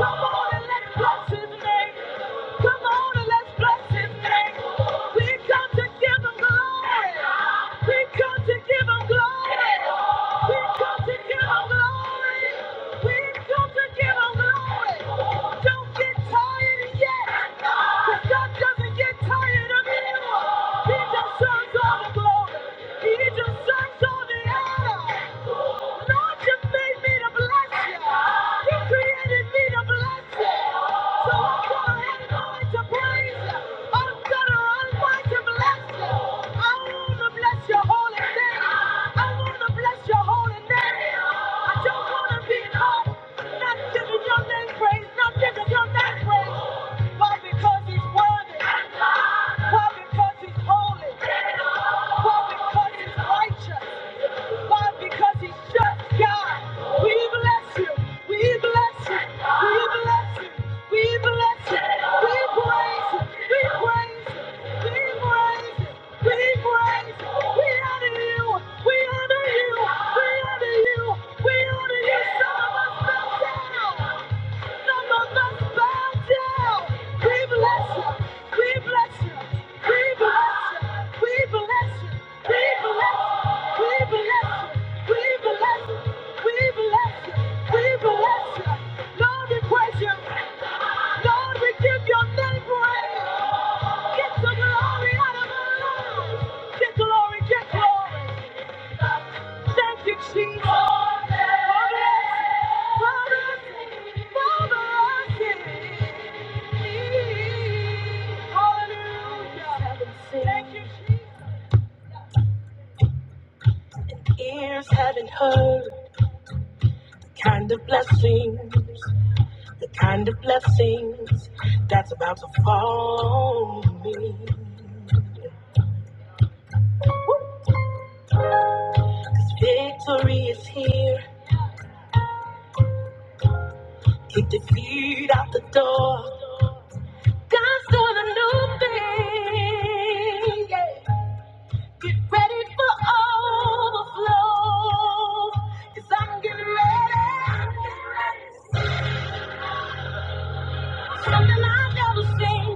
Speaker 1: Come on and let's bless his name. Come on and let's bless his name. We come to give him glory. We come to give him glory. We come to give him glory. We come to give him glory. Don't get tired yet. 'Cause God doesn't get tired of you. He just serves all the glory. He just serves all the honor. Lord, you made me to bless you. You created me to bless you. So I'm gonna have mind to praise you. I'm gonna run mind to bless you. I wanna bless your holy name. I wanna bless your holy name. I don't wanna be caught not giving your name praise, not giving your name praise. Why? Because he's worthy. Why? Because because he's holy. Why? Because he's righteous. Why? Because he's just God. We bless you. We bless you. We bless you. We bless you. We praise you. We praise you. We praise you. We praise you. We honor you. We honor you. We honor you. We honor you. Some of us fell down. Lord, we give your name praise. Get the glory out of our lives. Get glory, get glory. Thank you, Jesus. For this, for this, Hallelujah. Thank you, Jesus. Ears haven't heard the kind of blessing, the kind of blessings that's about to fall on me. Victory is here. Kick defeat out the door. God's doing a new thing. Get ready for overflow. Cause I'm getting ready. Something I've never seen.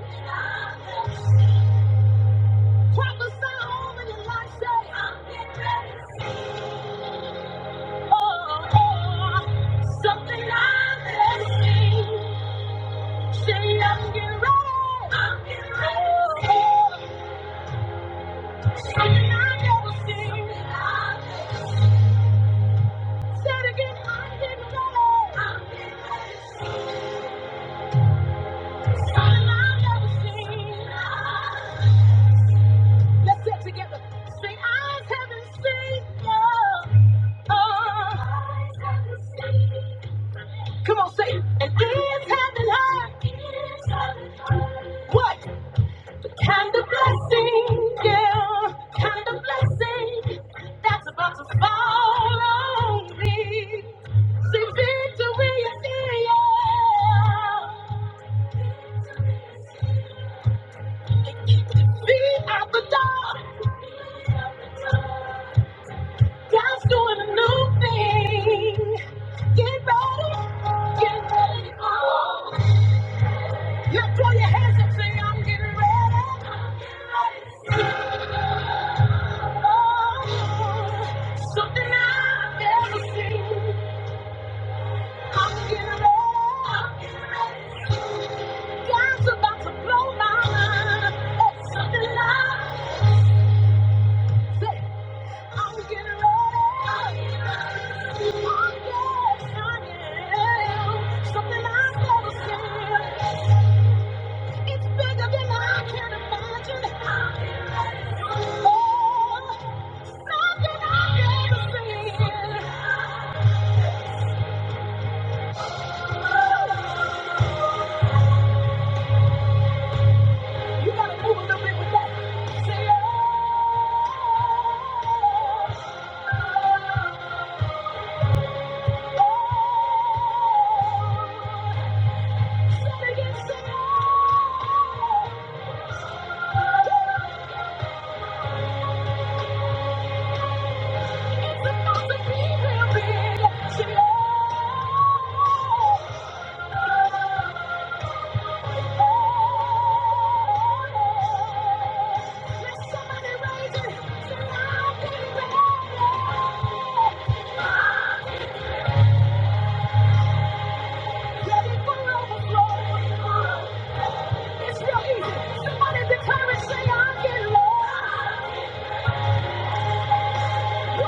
Speaker 1: Prophesy over your life, say. I'm getting ready. Oh, oh. Something I've never seen. Say, I'm getting ready. I'm getting ready. Oh, oh. Something I've never seen. Say it again. I'm getting ready. I'm getting ready. Let's get together. Say, eyes haven't Don't seen you. Oh. Don't say and ears haven't heard. What Kind of blessing, yeah, kind of blessing that's about to fall on me. See, victory is here. Be out the door. God's doing a new thing. Get ready. Get ready. Oh. Now throw your hands up, say, I'm getting ready. Oh, something I've never seen. I'm getting ready. I'm getting ready. God's about to blow my mind. It's something I've never seen. I'm getting ready. I'm getting ready. Oh, yes, I am. Something I've never seen. It's bigger than I can imagine. Oh, something I've never seen. Oh, It's about to be real big. oh, Let somebody raise it. Say, I'll be back. Ready for overflow. It's real easy. Somebody declare it. Say, I'm getting low. Thank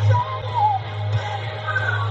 Speaker 1: you. Yes,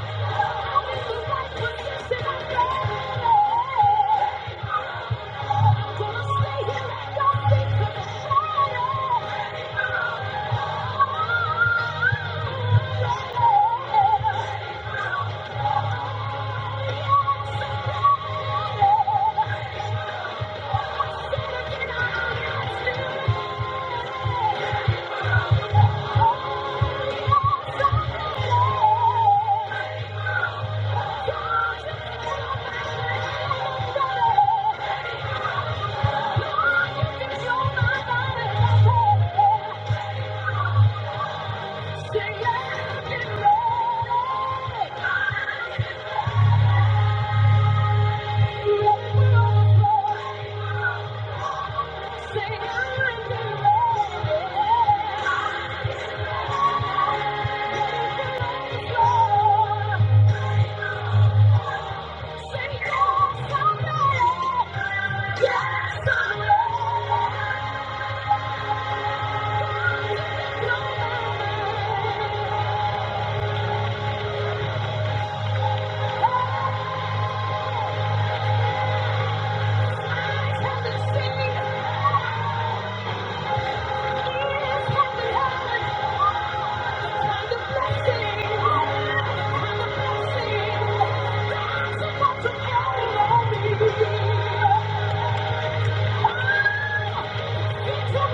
Speaker 1: Come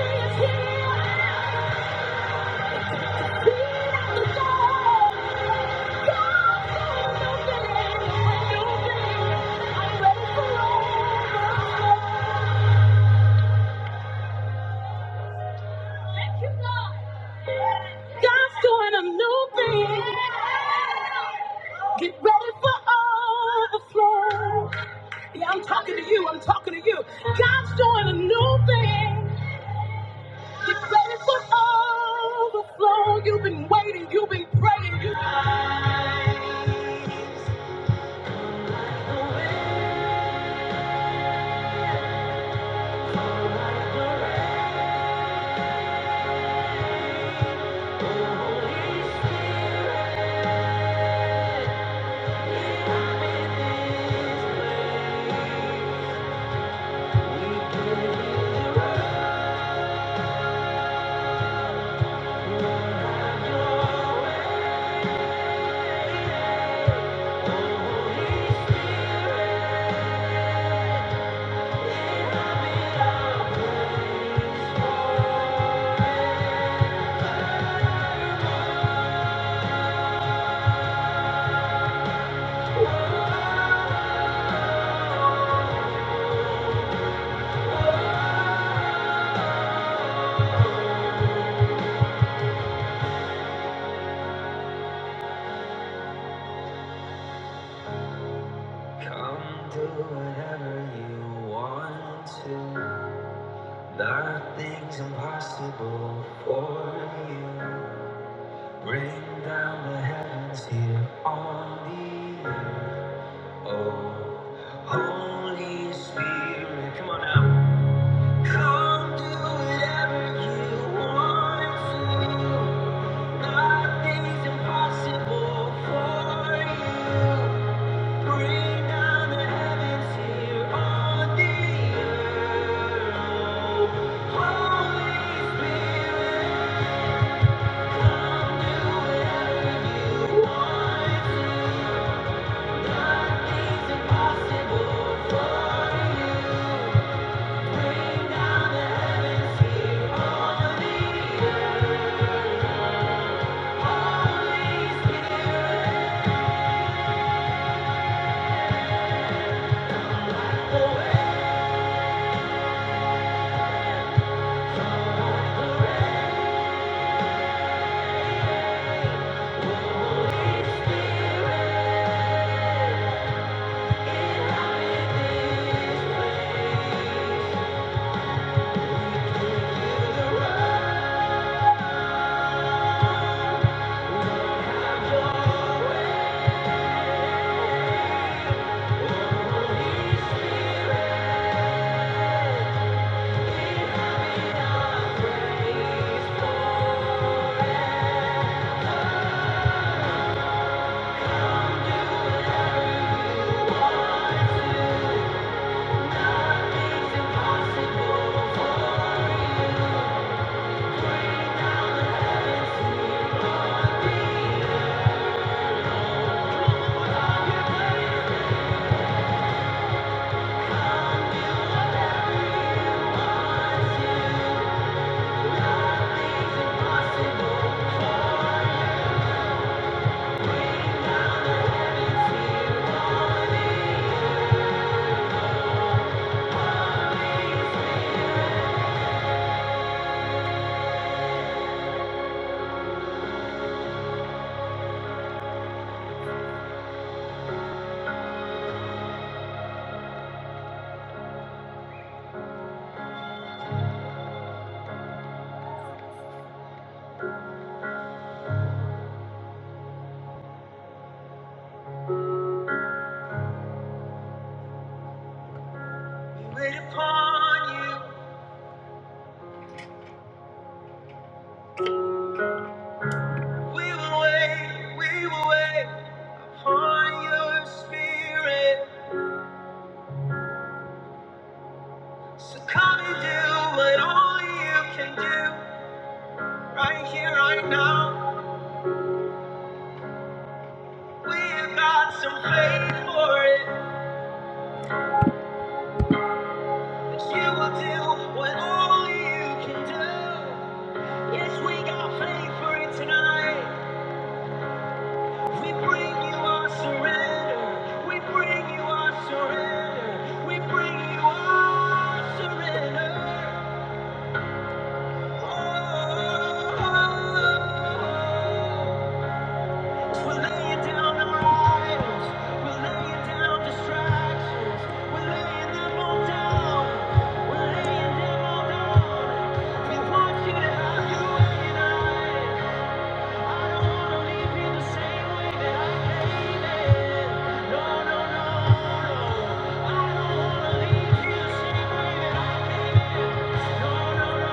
Speaker 1: do whatever you want. Oh, Holy Spirit, come on now. Come do what you want. Buy things and Thank you So come and do what only you can do right now. We got it. We bring you, we bring you our surrender. We bring our surrender. We'll laying down the idols. We're laying down distractions. We're laying them all down. We're laying them all down. We want I don't wanna leave you the same way that I came in. No, no, no, no. I don't wanna leave you the same. No,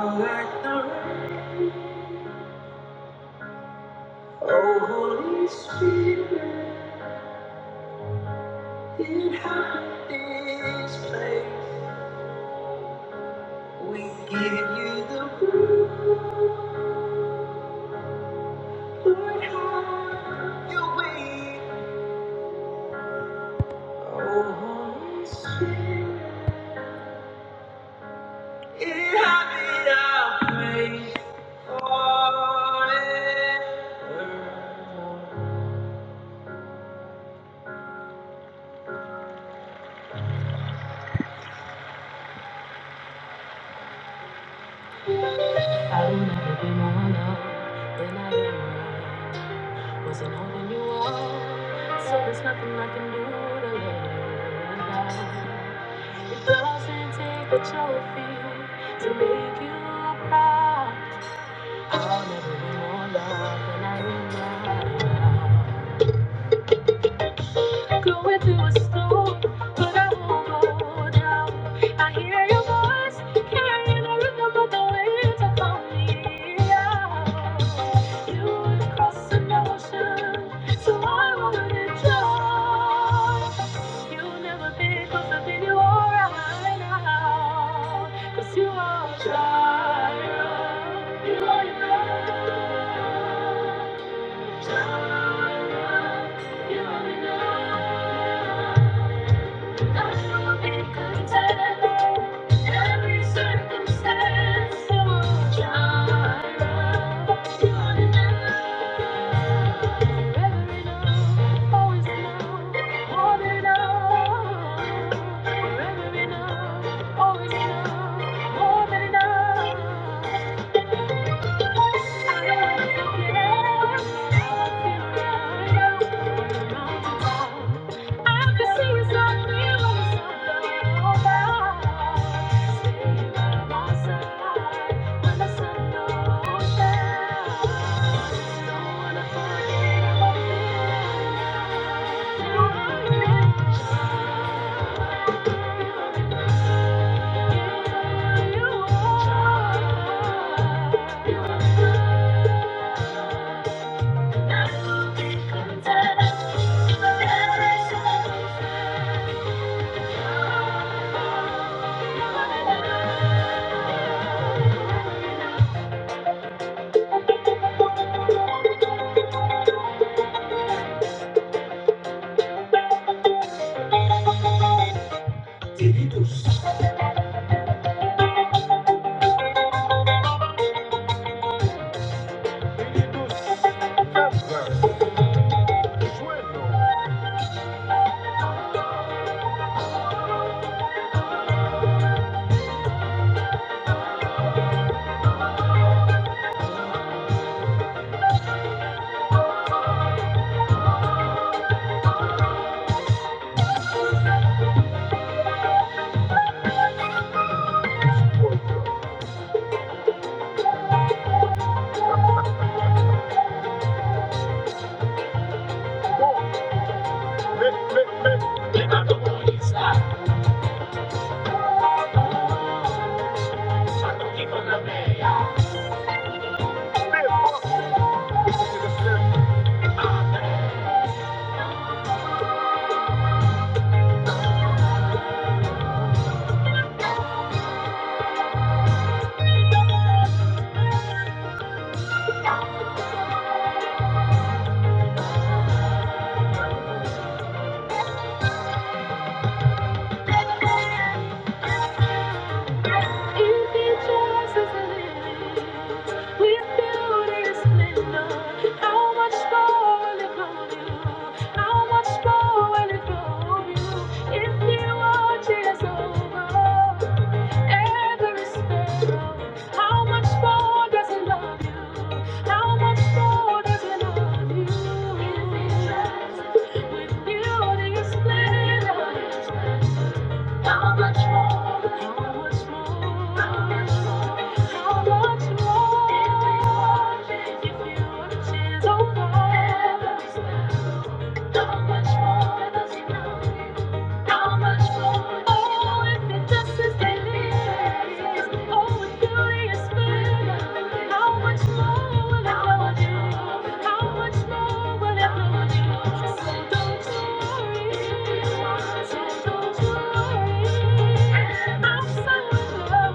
Speaker 1: no, no. am right. Wasn't holding you up, so there's nothing I can do to let you down. It doesn't take a trophy to make you proud. I'll never be more loved than I am right now. Going through a storm, but I won't go down. I hear your voice carrying the rhythm of the wind to call me out. You would cross an ocean, so I wouldn't drown. You'll never be closer than you are right now, 'cause you are Jireh, you are your love. Thank you. Easy choices to live. With beauty splendor, how much more? How much more? How much more? How much more? If you were to tears on How much more does he love you? How much more? Oh, if it just is daily. Oh, if beauty is fair. How much more will it love you? How much more will it love you? So don't worry. So don't worry. My God is good, oh.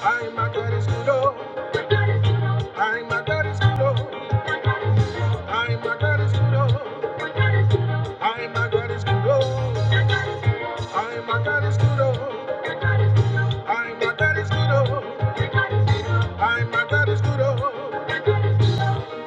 Speaker 1: I, my God is good, oh. I, my God is good, oh. I, my God is good, oh. I, my God is good, oh. I, my God is good, oh. I, my God is good, oh. I, my God is good, oh.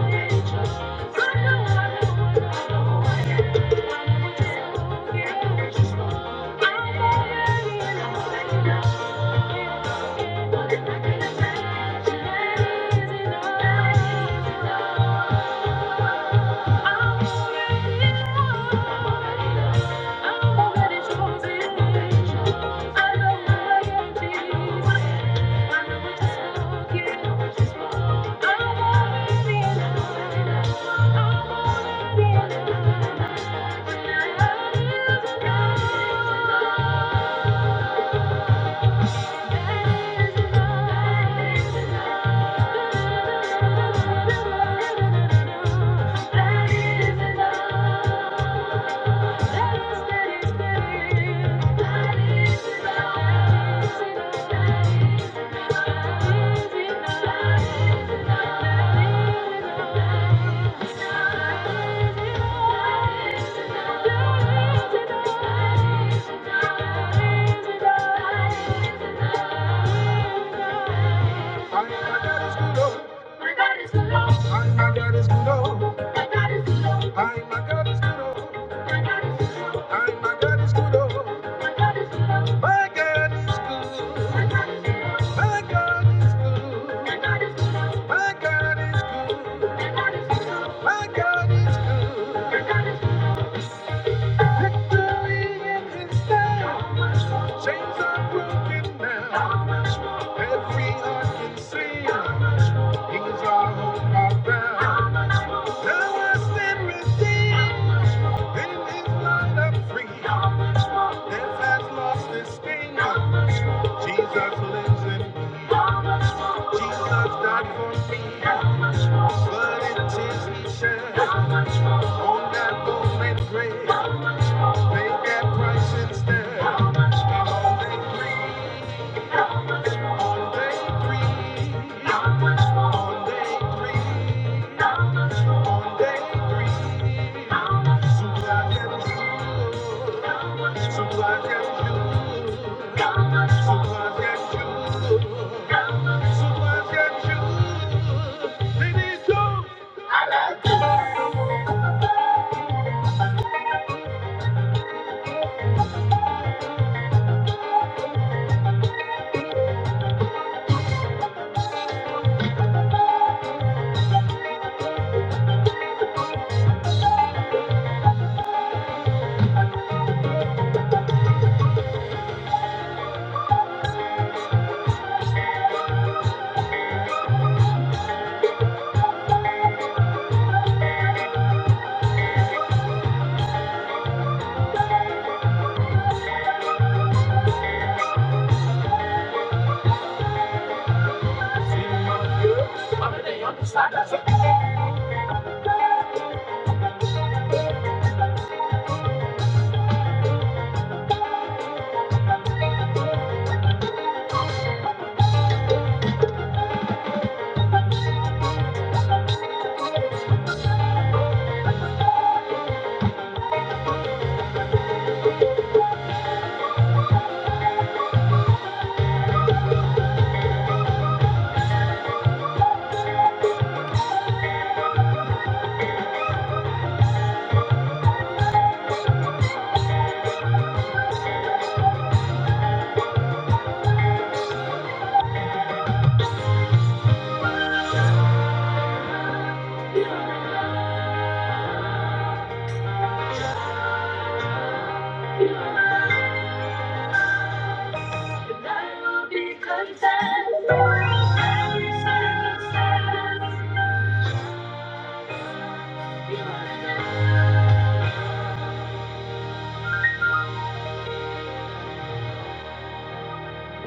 Speaker 1: Thank you. I'm already chosen. I know who I am, Jesus. Thank you. My God is good. My My God God is is good. My God is good. My God is good. My God is good. My God is good. Victory in His name. Chains are broken now. Every heart can sing. He's our hope, our Now I stand redeemed. In His light I'm free. Death has lost its sting. Jesus lives in Jesus died for me, but it is he shed on that moment grave. They get price instead. on day three, on day three, on day three, on day three, so I and blue, so I and blue, so black and blue. Sometimes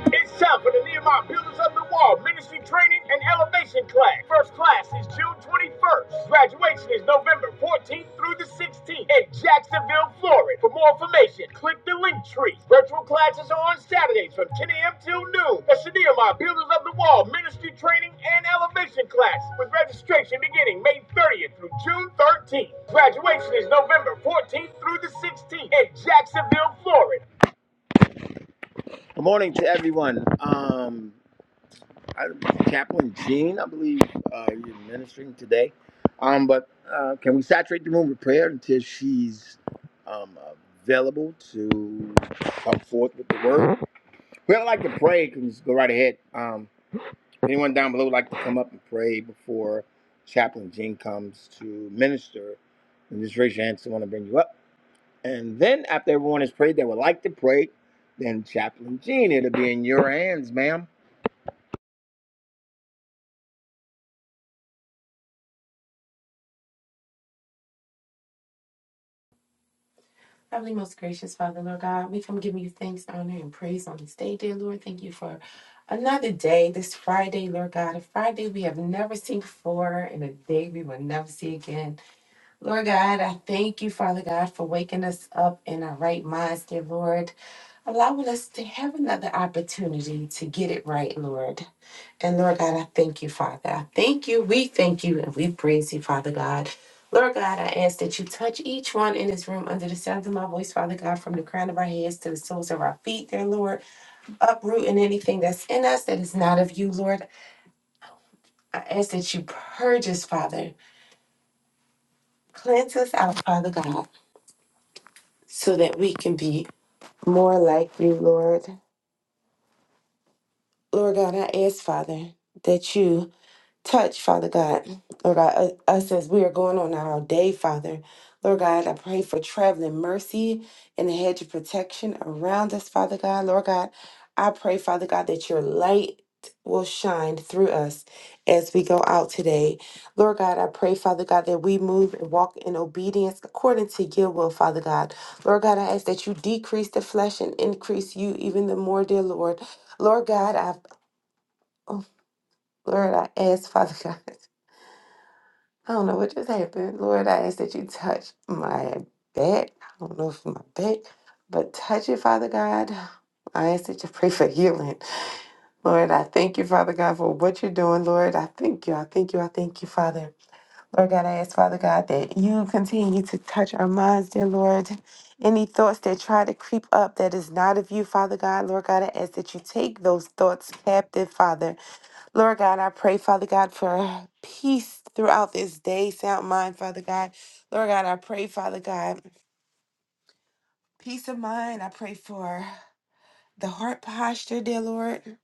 Speaker 1: It's time for the Nehemiah Builders of the Wall Ministry Training and Elevation Class. First class is June 21st. Graduation is November 14th through the 16th in Jacksonville, Florida. For more information, click the link tree. Virtual classes are on Saturdays from 10 a.m. till noon. That's the Nehemiah Builders of the Wall Ministry Training and Elevation Class with registration beginning May 30th through June 13th. Graduation is November 14th through the 16th in Jacksonville, Florida. Good morning to everyone. Um, I, Chaplain Gene, I believe uh, you're ministering today. Um, but uh, can we saturate the room with prayer until she's um, available to come forth with the word? Whoever like to pray can just go right ahead. Um, anyone down below would like to come up and pray before Chaplain Gene comes to minister, and just raise your hand. Someone will bring you up. And then after everyone has prayed, they would like to pray. Then Chaplain Gene, it'll be in your hands, ma'am.
Speaker 3: Heavenly, most gracious Father, Lord God, we come giving you thanks, honor, and praise on this day, dear Lord. Thank you for another day, this Friday, Lord God, a Friday we have never seen before and a day we will never see again. Lord God, I thank you, Father God, for waking us up in our right minds, dear Lord, allowing us to have another opportunity to get it right, Lord. And Lord God, I thank you, Father. I thank you. We thank you and we praise you, Father God. Lord God, I ask that you touch each one in this room under the sound of my voice, Father God, from the crown of our heads to the soles of our feet, dear Lord. Uprooting anything that's in us that is not of you, Lord. I ask that you purge us, Father. Cleanse us out, Father God, so that we can be more like you, Lord. Lord God, I ask, Father, that you Touch, Father God, Lord God, u- us as we are going on our day, Father. Lord God, I pray for traveling mercy and a hedge of protection around us, Father God. Lord God, I pray, Father God, that your light will shine through us as we go out today. Lord God, I pray, Father God, that we move and walk in obedience according to your will, Father God. Lord God, I ask that you decrease the flesh and increase you even the more, dear Lord. Lord God, I oh, Lord, I ask, Father (laughs) God. I don't know what just happened. Lord, I ask that you touch my back. I don't know if my back, but touch it, Father God. I ask that you pray for healing. Lord, I thank you, Father God, for what you're doing. Lord, I thank you. I thank you. I thank you, Father. Lord God, I ask, Father God, that you continue to touch our minds, dear Lord. Any thoughts that try to creep up that is not of you, Father God, Lord God, I ask that you take those thoughts captive, Father. Lord God, I pray, Father God, for peace throughout this day, sound mind, Father God. Lord God, I pray, Father God, peace of mind. I pray for the heart posture, dear Lord,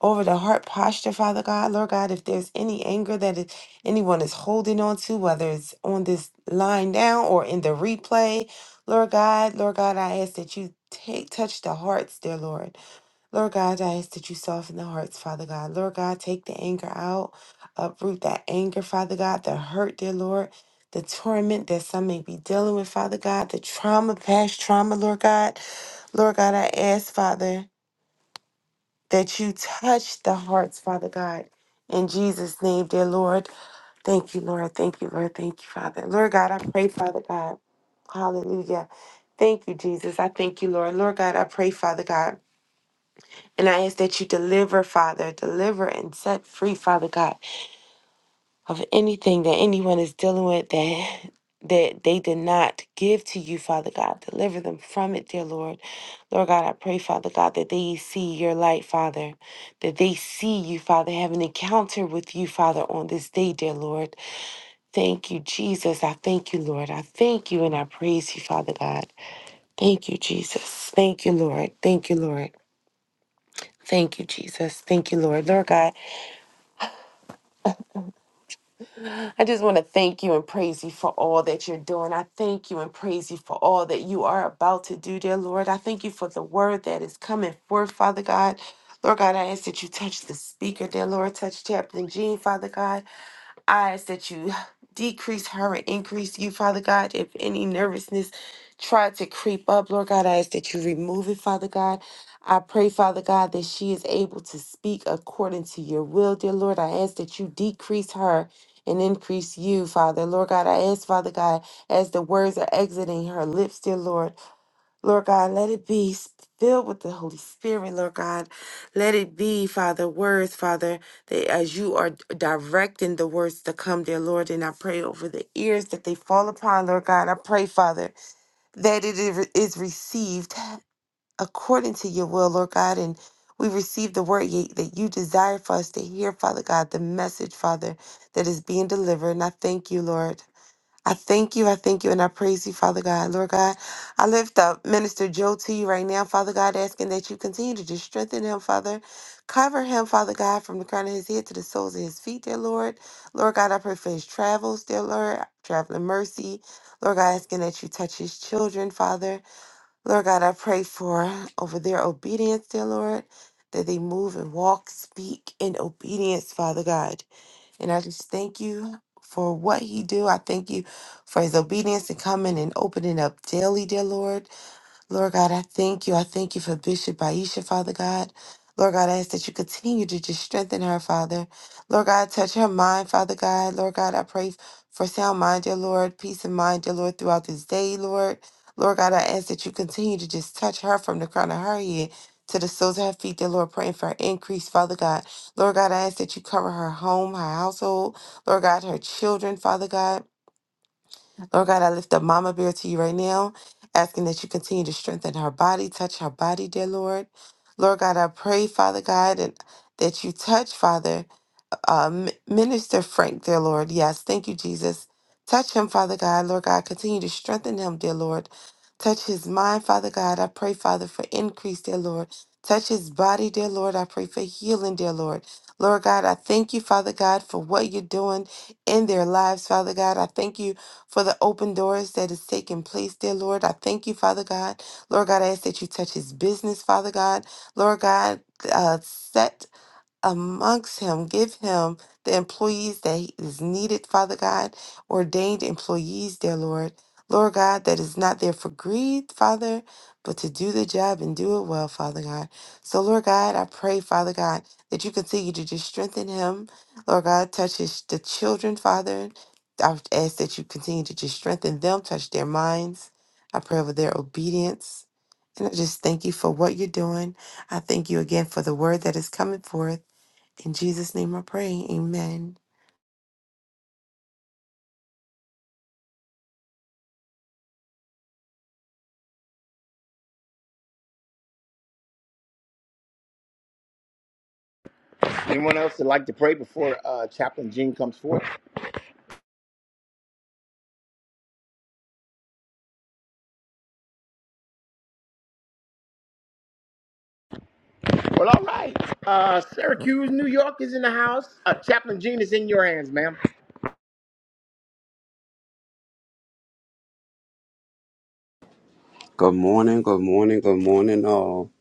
Speaker 3: over the heart posture, Father God. Lord God, if there's any anger that it- anyone is holding on to, whether it's on this line now or in the replay, Lord God, Lord God, I ask that you take touch the hearts, dear Lord. Lord God, I ask that you soften the hearts, Father God. Lord God, take the anger out, uproot that anger, Father God, the hurt, dear Lord, the torment that some may be dealing with, Father God, the trauma, past trauma, Lord God. Lord God, I ask, Father, that you touch the hearts, Father God. In Jesus' name, dear Lord. Thank you, Lord. Thank you, Lord. Thank you, Father. Lord God, I pray, Father God. Hallelujah. Thank you, Jesus. I thank you, Lord. Lord God, I pray, Father God. And I ask that you deliver, Father, deliver and set free, Father God, of anything that anyone is dealing with that that they did not give to you, Father God. Deliver them from it, dear Lord. Lord God, I pray, Father God, that they see your light, Father, that they see you, Father, have an encounter with you, Father, on this day, dear Lord. Thank you, Jesus. I thank you, Lord. I thank you and I praise you, Father God. Thank you, Jesus. Thank you, Lord. Thank you, Lord. Thank you, Jesus. Thank you, Lord. Lord God, I just want to thank you and praise you for all that you're doing. I thank you and praise you for all that you are about to do, dear Lord. I thank you for the word that is coming forth, Father God. Lord God, I ask that you touch the speaker, dear Lord. Touch Captain Gene, Father God. I ask that you decrease her and increase you, Father God. If any nervousness tried to creep up, Lord God, I ask that you remove it, Father God. I pray, Father God, that she is able to speak according to your will, dear Lord. I ask that you decrease her and increase you, Father. Lord God, I ask, Father God, as the words are exiting her lips, dear Lord. Lord God, let it be filled with the Holy Spirit, Lord God. Let it be, Father, words, Father, that as you are directing the words to come, dear Lord, and I pray over the ears that they fall upon, Lord God. I pray, Father, that it is is received according to your will, Lord God, and we receive the word ye- that you desire for us to hear, Father God, the message, Father, that is being delivered. And I thank you, Lord. I thank you, I thank you, and I praise you, Father God. Lord God, I lift up Minister Joe to you right now, Father God, asking that you continue to just strengthen him, Father. Cover him, Father God, from the crown of his head to the soles of his feet, dear Lord. Lord God, I pray for his travels, dear Lord, traveling mercy. Lord God, asking that you touch his children, Father. Lord God, I pray for over their obedience, dear Lord, that they move and walk, speak in obedience, Father God. And I just thank you for what he do. I thank you for his obedience and coming and opening up daily, dear Lord. Lord God, I thank you. I thank you for Bishop Aisha, Father God. Lord God, I ask that you continue to just strengthen her, Father. Lord God, touch her mind, Father God. Lord God, I pray for sound mind, dear Lord, peace of mind, dear Lord, throughout this day, Lord. Lord God, I ask that you continue to just touch her from the crown of her head to the soles of her feet, dear Lord, praying for increase, Father God. Lord God, I ask that you cover her home, her household, Lord God, her children, Father God. Lord God, I lift up Mama Bear to you right now, asking that you continue to strengthen her body, touch her body, dear Lord. Lord God, I pray, Father God, and that you touch, Father um, Minister Frank, dear Lord. Yes, thank you, Jesus. Touch him, Father God. Lord God, continue to strengthen him, dear Lord. Touch his mind, Father God. I pray, Father, for increase, dear Lord. Touch his body, dear Lord. I pray for healing, dear Lord. Lord God, I thank you, Father God, for what you're doing in their lives, Father God. I thank you for the open doors that is taking place, dear Lord. I thank you, Father God. Lord God, I ask that you touch his business, Father God. Lord God, uh, set amongst him. Give him the employees that he is needed, Father God, ordained employees, dear Lord. Lord God, that is not there for greed, Father, but to do the job and do it well, Father God. So, Lord God, I pray, Father God, that you continue to just strengthen him. Lord God, touch his, the children, Father. I ask that you continue to just strengthen them, touch their minds. I pray over their obedience. And I just thank you for what you're doing. I thank you again for the word that is coming forth. In Jesus' name I pray. Amen.
Speaker 1: Anyone else that like to pray before uh, Chaplain Jean comes forward? Well, all right. Uh, Syracuse, New York is in the house. Uh, Chaplain Jean is in your hands, ma'am.
Speaker 4: Good morning, good morning, good morning, all.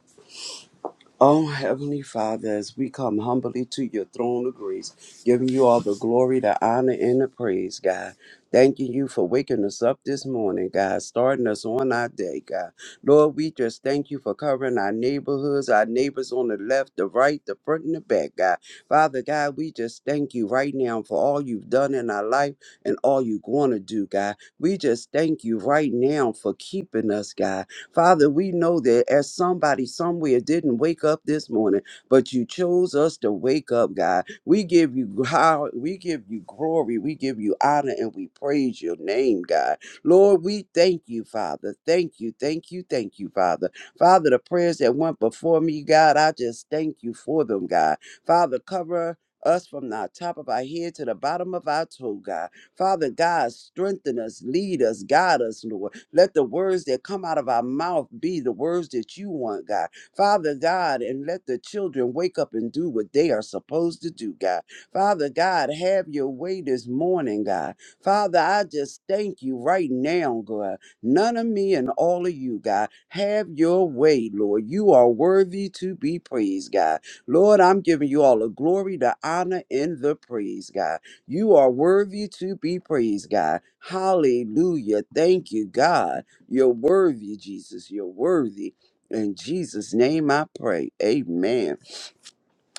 Speaker 4: Oh, Heavenly Father, as we come humbly to your throne of grace, giving you all the glory, the honor, and the praise, God. Thanking you for waking us up this morning, God, starting us on our day, God. Lord, we just thank you for covering our neighborhoods, our neighbors on the left, the right, the front, and the back, God. Father, God, we just thank you right now for all you've done in our life and all you're going to do, God. We just thank you right now for keeping us, God. Father, we know that as somebody somewhere didn't wake up this morning, but you chose us to wake up, God. We give you how we give you glory, we give you honor, and we praise your name, God. Lord, we thank you, Father. Thank you, thank you, thank you, Father. Father, the prayers that went before me, God, I just thank you for them, God. Father, cover us from the top of our head to the bottom of our toe, God. Father God, strengthen us, lead us, guide us, Lord. Let the words that come out of our mouth be the words that you want, God. Father God, and let the children wake up and do what they are supposed to do, God. Father God, have your way this morning, God. Father, I just thank you right now, God. None of me and all of you, God. Have your way, Lord. You are worthy to be praised, God. Lord, I'm giving you all the glory, the honor, and the praise, God. You are worthy to be praised, God. Hallelujah. Thank you, God. You're worthy, Jesus. You're worthy. In Jesus' name I pray. Amen.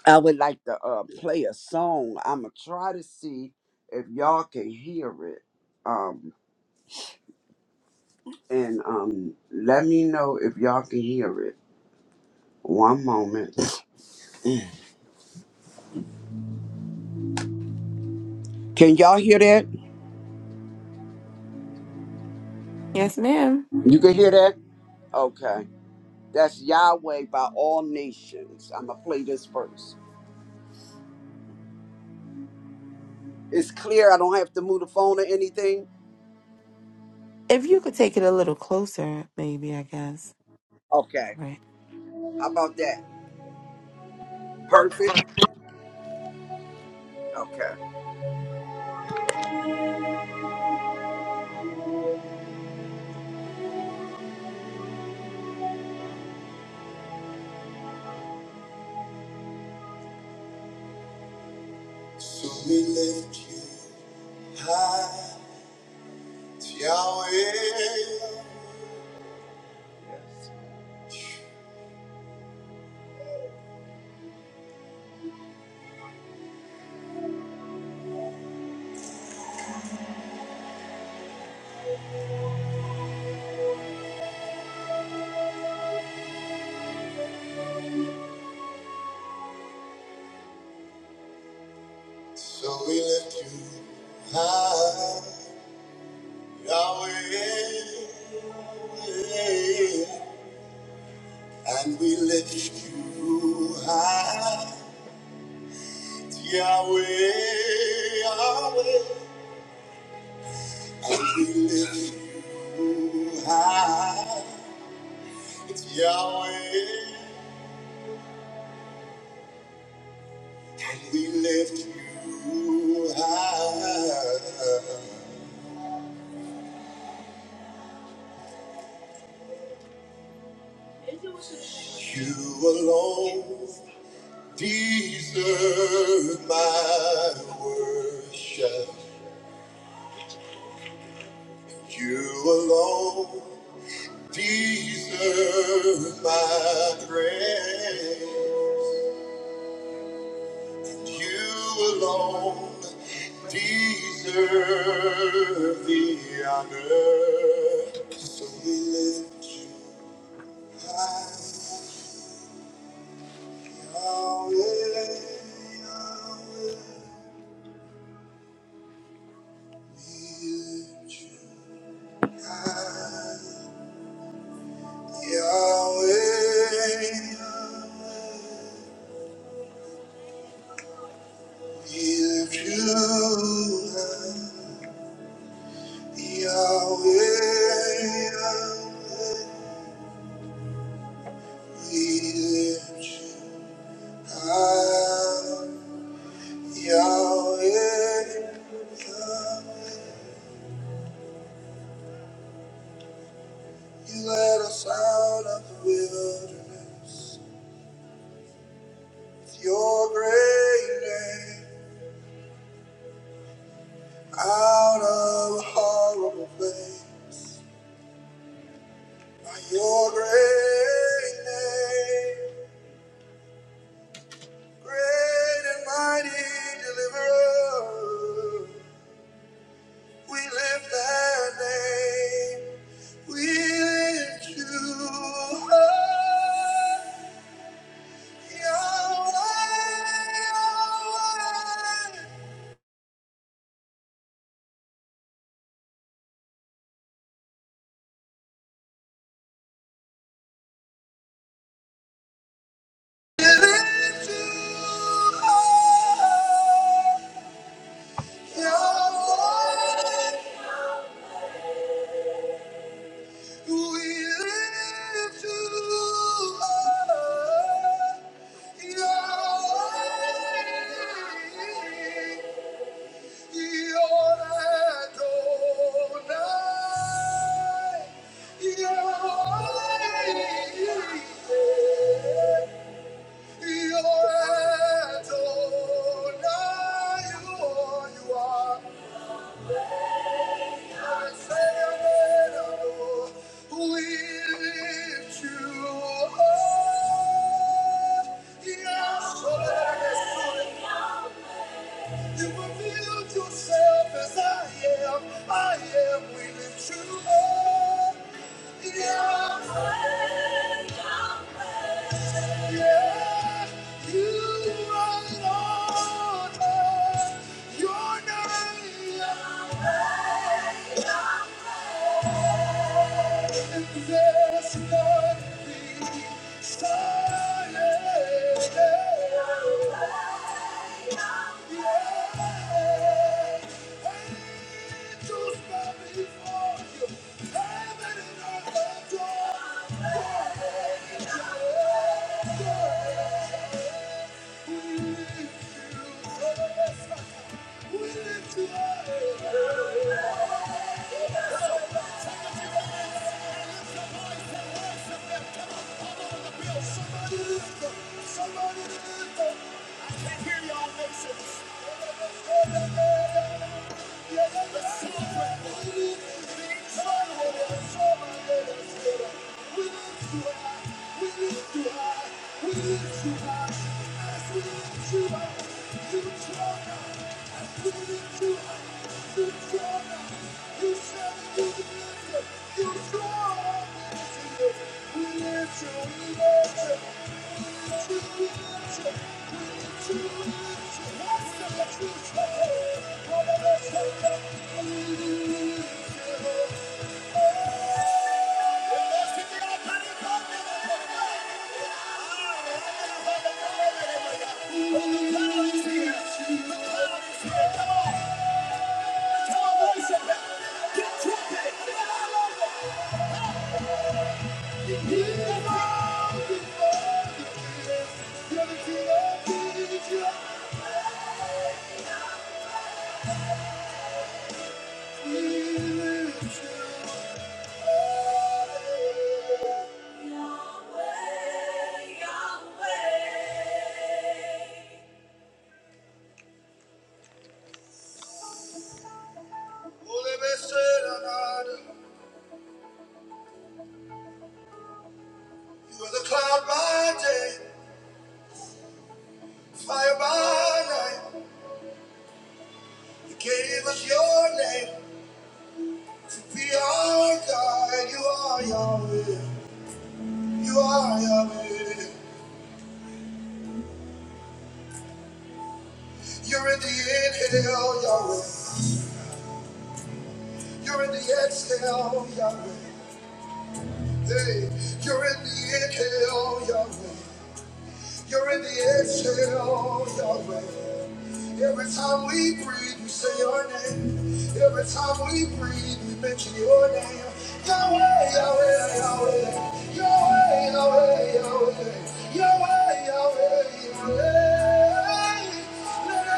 Speaker 4: I would like to uh, play a song. I'm going to try to see if y'all can hear it. Um, and um, let me know if y'all can hear it. One moment. Can y'all hear that?
Speaker 3: Yes, ma'am.
Speaker 4: You can hear that? Okay. That's Yahweh by all nations. I'm going to play this first. It's clear. I don't have to move the phone or anything.
Speaker 3: If you could take it a little closer, maybe, I guess.
Speaker 4: Okay.
Speaker 3: All right.
Speaker 4: How about that? Perfect. Okay. So we lift you high, Yahweh. Yes. So we lift you high, Yahweh. And we lift you high, Yahweh, Yahweh. And we lift you high. Yahweh, we lift you high. You alone deserve my worship. You alone deserve my praise. You alone deserve the honor. So we lift you. Yahweh, Yahweh. Yahweh, You led us out of the wilderness with your great name, out of a horrible place. By your great name, great and mighty deliverer, we lift that name. We lift you high, Yahweh, Yahweh. Yeah. You revealed yourself as I am. I am. We lift you up. Yeah. Before you Heaven and earth adore. You You said you would lift it. You saw this We lift you, we lift you. We lift you, we lift you. We lift you, we lift you. That's the truth. All of us are coming. We lift you. Let's give it up, honey, one minute. We lift you. The power is here. Come on. Come on, worship it. Get to it. You are the cloud by day, fire by night. You gave us your name to be our guide. You are Yahweh. You are Yahweh. You're in the inhale, Yahweh. You're in the exhale, Yahweh. Hey, you're in the inhale, Yahweh. You're in the exhale, Yahweh. Every time we breathe, we say your name. Every time we breathe, we mention your name. Yahweh, Yahweh, Yahweh. Yahweh, Yahweh, Yahweh. Yahweh, Yahweh, Yahweh. Let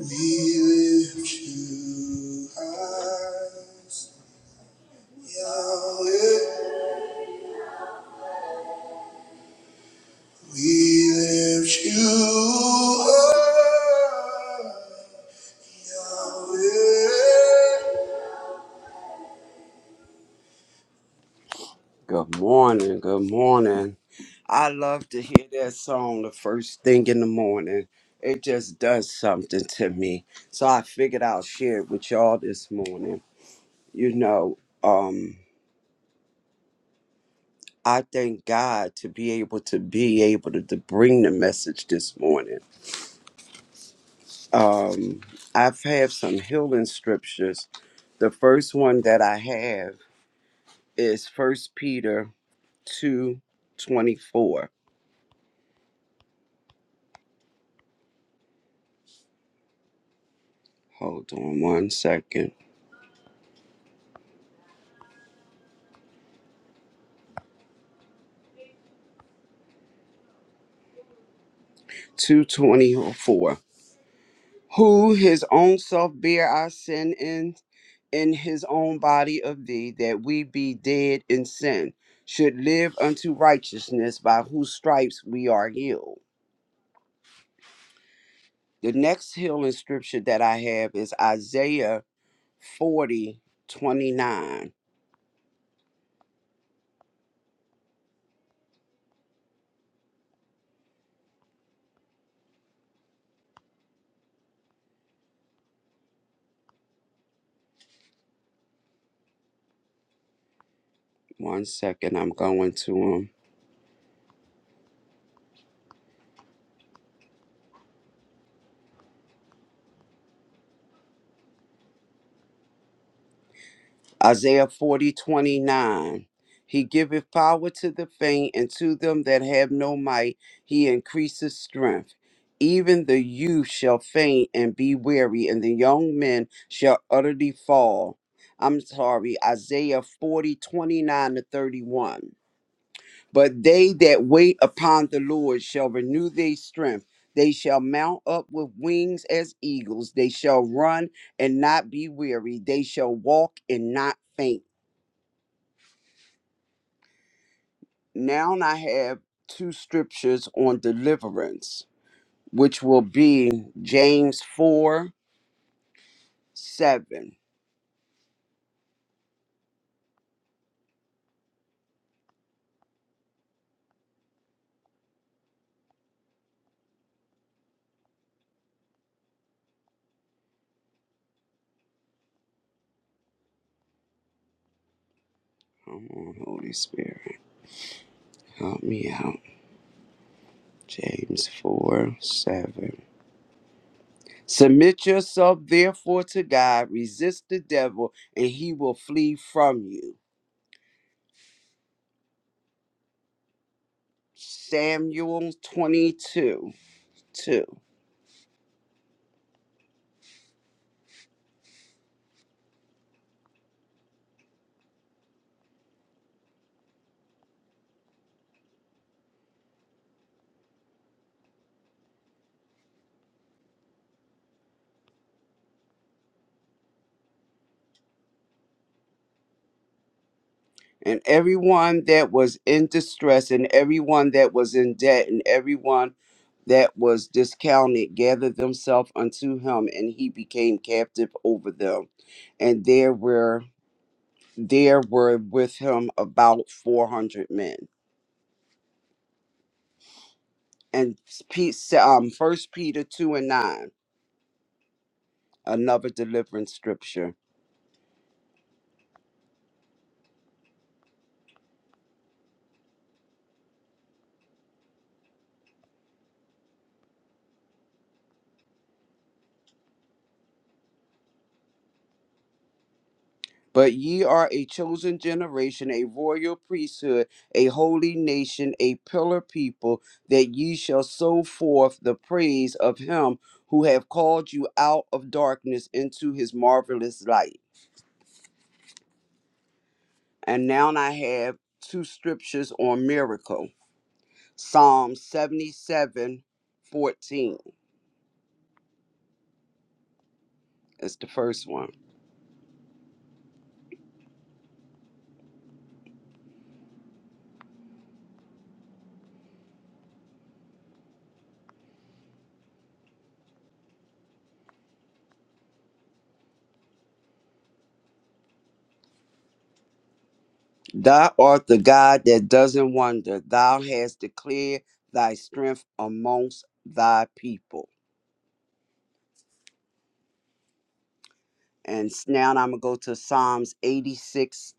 Speaker 4: we lift you high. Yahweh, we lift you up, Yahweh. Good morning, good morning. I love to hear that song the first thing in the morning. It just does something to me. So I figured I'll share it with y'all this morning. You know, um, I thank God to be able to be able to, to bring the message this morning Um, I've had some healing scriptures. The first one that I have is First Peter two twenty four. Hold on one second. Two twenty four. Who his own self bear our sin in in his own body of thee, that we be dead in sin, should live unto righteousness, by whose stripes we are healed. The next healing scripture that I have is Isaiah Forty twenty-nine. One second, I'm going to him. Isaiah forty twenty nine. He giveth power to the faint, and to them that have no might, he increaseth strength. Even the youth shall faint and be weary, and the young men shall utterly fall. I'm sorry, Isaiah 40 29 to 31. But they that wait upon the Lord shall renew their strength. They shall mount up with wings as eagles. They shall run and not be weary. They shall walk and not faint. Now I have two scriptures on deliverance, which will be James 4 7. Come on, Holy Spirit, help me out. James 4 7. Submit yourself therefore to God, resist the devil, and he will flee from you. Samuel 22 2. And everyone that was in distress, and everyone that was in debt, and everyone that was discounted gathered themselves unto him, and he became captive over them. And there were there were with him about four hundred men. And Pete, um, First Peter two and nine. another deliverance scripture. But ye are a chosen generation, a royal priesthood, a holy nation, a pillar people, that ye shall sow forth the praise of him who have called you out of darkness into his marvelous light. And now I have two scriptures on miracle. Psalm seventy-seven, fourteen is the first one. Thou art the God that doesn't wonder. Thou hast declared thy strength amongst thy people. And s- now I'm going to go to Psalms 86:10.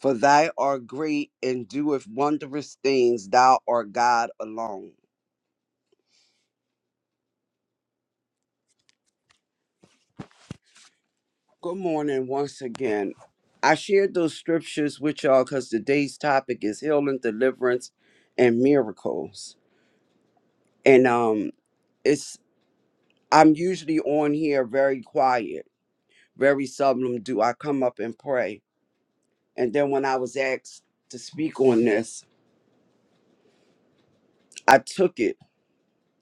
Speaker 4: For thou art great and doeth wondrous things. Thou art God alone. Good morning once again. I shared those scriptures with y'all because today's topic is healing, deliverance, and miracles. And um, it's I'm usually on here very quiet Very seldom do I come up and pray. And then when I was asked to speak on this, I took it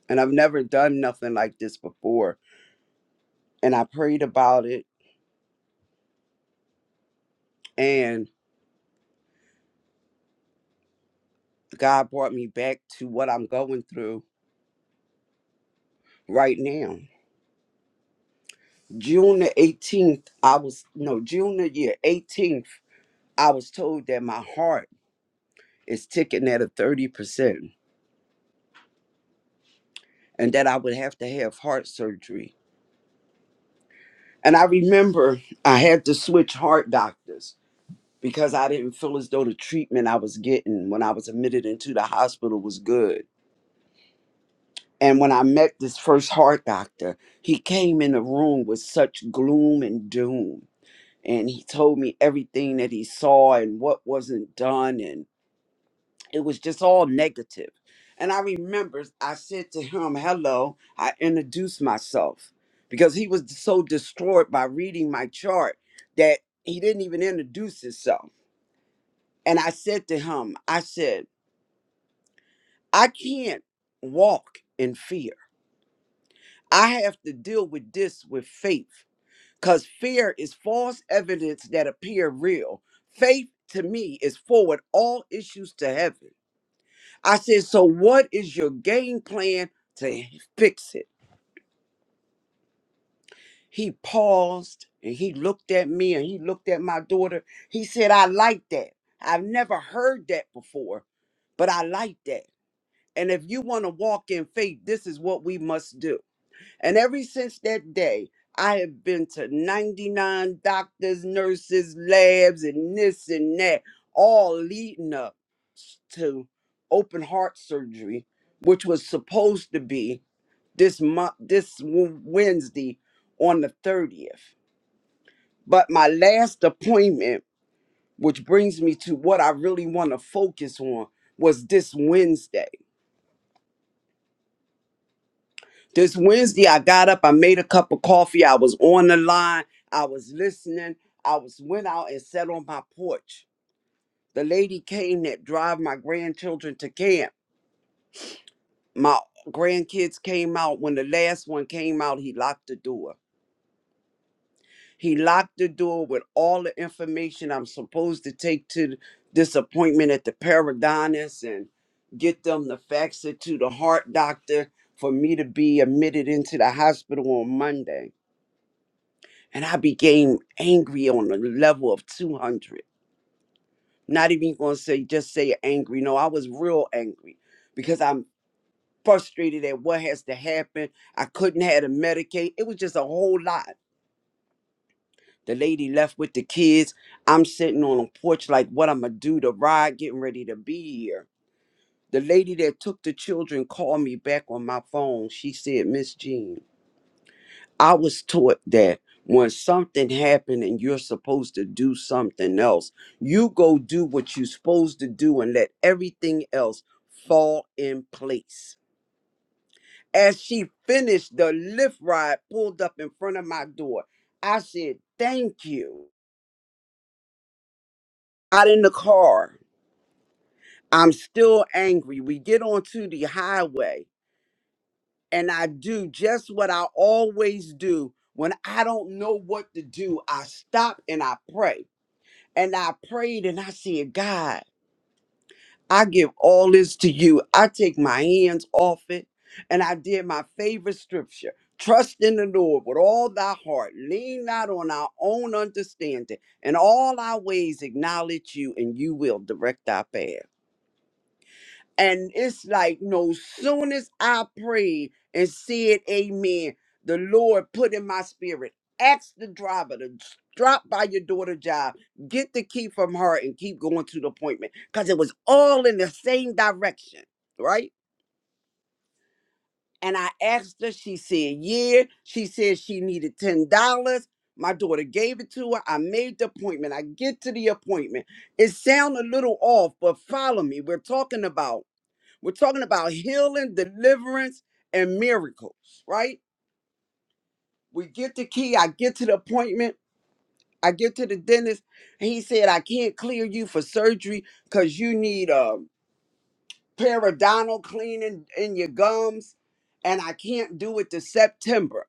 Speaker 4: and I've never done nothing like this before. And I prayed about it and God brought me back to what I'm going through right now. June the 18th, I was, no, June the year 18th, I was told that my heart is ticking at a 30% and that I would have to have heart surgery. And I remember I had to switch heart doctors because I didn't feel as though the treatment I was getting when I was admitted into the hospital was good. And when I met this first heart doctor, he came in the room with such gloom and doom. And he told me everything that he saw and what wasn't done. And it was just all negative. And I remember I said to him, Hello, I introduced myself because he was so distraught by reading my chart that he didn't even introduce himself. And I said to him, I said, I can't walk in fear. I have to deal with this with faith because fear is false evidence that appear real. Faith to me is forward all issues to heaven. I said, So what is your game plan to fix it? He paused and he looked at me and he looked at my daughter. He said, I like that. I've never heard that before, but I like that. And if you want to walk in faith, this is what we must do. And ever since that day, I have been to 99 doctors, nurses, labs, and this and that, all leading up to open heart surgery, which was supposed to be this month, this Wed- Wednesday on the 30th. But my last appointment, which brings me to what I really want to focus on, was this Wednesday. This Wednesday, I got up, I made a cup of coffee, I was on the line, I was listening, I was went out and sat on my porch. The lady came that drive my grandchildren to camp. My grandkids came out. When the last one came out, he locked the door. He locked the door with all the information I'm supposed to take to this appointment at the Paradonus and get them to fax it to the heart doctor for me to be admitted into the hospital on Monday And I became angry on a level of 200. Not even going to say, just say angry. No, I was real angry because I'm frustrated at what has to happen. I couldn't have to medicate. It was just a whole lot. The lady left with the kids. I'm sitting on a porch like, what I'm going to do? The ride getting ready to be here. The lady that took the children called me back on my phone. She said, Miss Jean. I was taught that when something happened and you're supposed to do something else, you go do what you're supposed to do and let everything else fall in place. As she finished the lift ride, pulled up in front of my door, I said, Thank you. Out in the car, I'm still angry. We get onto the highway, and I do just what I always do when I don't know what to do. I stop and I pray. And I prayed and I said, God, I give all this to you. I take my hands off it. And I did my favorite scripture trust in the Lord with all thy heart, lean not on our own understanding, and all our ways acknowledge you, and you will direct our path. And it's like, no soon as I prayed and said amen, the Lord put in my spirit, ask the driver to s- drop by your daughter's job, get the key from her, and keep going to the appointment. Because it was all in the same direction, right? And I asked her, she said, yeah. She said she needed $10. My daughter gave it to her. I made the appointment. I get to the appointment. It sound a little off, but follow me. We're talking about we're talking about healing, deliverance, and miracles, right? We get the key. I get to the appointment. I get to the dentist. And he said, I can't clear you for surgery because you need a periodontal cleaning in your gums. And I can't do it to September.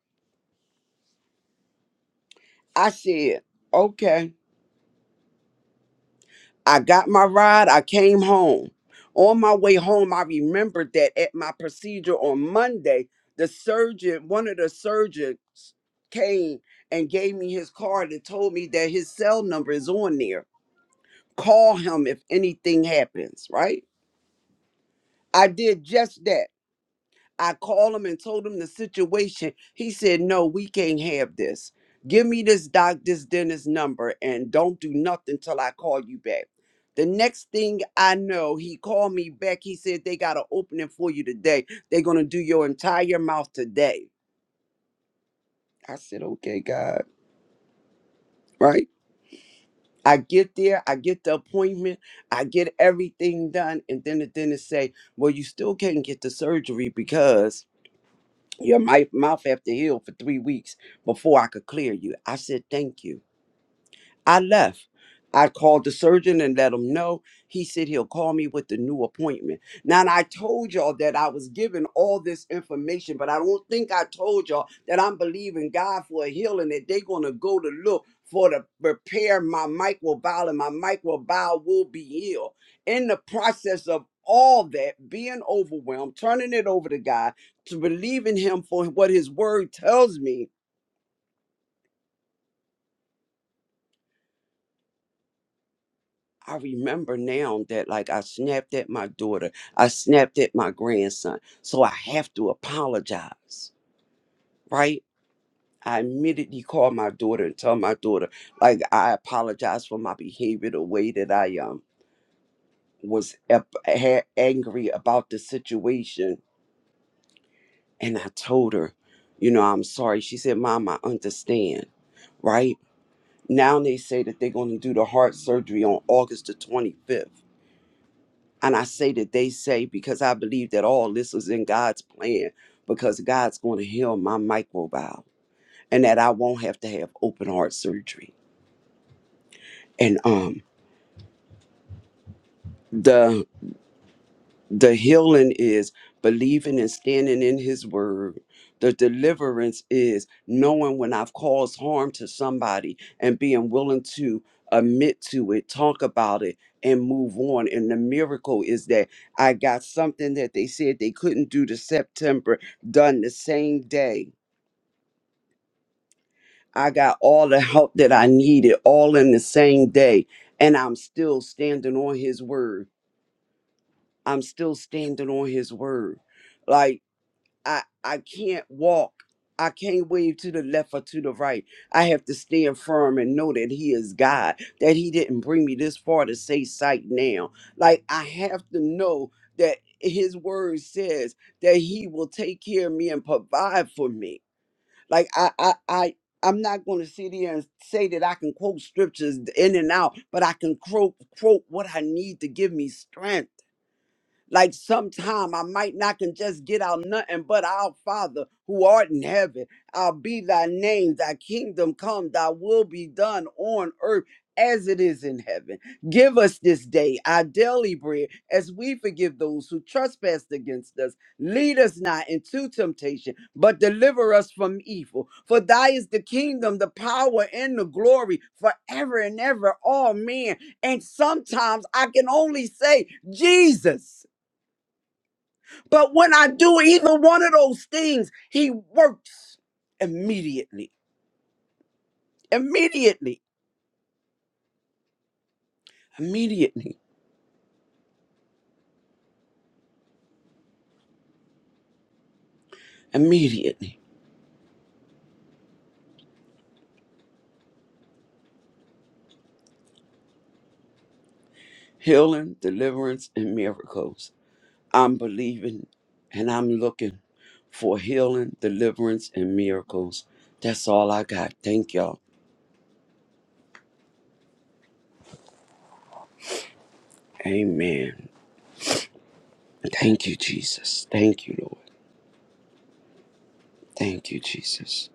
Speaker 4: I said, okay. I got my ride, I came home. On my way home, I remembered that at my procedure on Monday, the surgeon, one of the surgeons came and gave me his card and told me that his cell number is on there. Call him if anything happens, right? I did just that. I called him and told him the situation. He said, "No, we can't have this. Give me this doc, this dentist number, and don't do nothing till I call you back." The next thing I know, he called me back. He said, "They got an opening for you today. They're gonna do your entire mouth today." I said, "Okay, God, right." I get there, I get the appointment, I get everything done, and then the dentist say, "Well, you still can't get the surgery because." Your mi- mouth have to heal for three weeks before I could clear you. I said, Thank you. I left. I called the surgeon and let him know. He said he'll call me with the new appointment. Now, and I told y'all that I was given all this information, but I don't think I told y'all that I'm believing God for a healing, that they're going to go to look for to repair my microbial, and my microbial will be healed. In the process of all that, being overwhelmed, turning it over to God, to believing Him for what His Word tells me, I remember now that like I snapped at my daughter, I snapped at my grandson. So I have to apologize, right? I immediately call my daughter and tell my daughter, like, I apologize for my behavior, the way that I um was ep- ha- angry about the situation. And I told her, you know, I'm sorry. She said, Mom, I understand, right? Now they say that they're going to do the heart surgery on August the 25th. And I say that they say because I believe that all this was in God's plan because God's going to heal my microbiome and that I won't have to have open heart surgery. And um the The healing is believing and standing in his word. The deliverance is knowing when I've caused harm to somebody and being willing to admit to it, talk about it, and move on. And the miracle is that I got something that they said they couldn't do to September done the same day. I got all the help that I needed all in the same day. And I'm still standing on his word. I'm still standing on his word. Like, I I can't walk. I can't wave to the left or to the right. I have to stand firm and know that He is God, that He didn't bring me this far to say sight now. Like, I have to know that His word says that He will take care of me and provide for me. Like, I, I, I, I'm not going to sit here and say that I can quote scriptures in and out, but I can quote, quote what I need to give me strength. Like sometime I might not can just get out nothing but our Father who art in heaven. I'll be thy name, thy kingdom come, thy will be done on earth as it is in heaven. Give us this day our daily bread as we forgive those who trespass against us. Lead us not into temptation, but deliver us from evil. For thy is the kingdom, the power, and the glory forever and ever. Amen. And sometimes I can only say, Jesus. But when I do either one of those things, he works immediately, immediately, immediately, immediately. Healing, deliverance, and miracles. I'm believing and I'm looking for healing, deliverance, and miracles. That's all I got. Thank y'all. Amen. Thank you, Jesus. Thank you, Lord. Thank you, Jesus.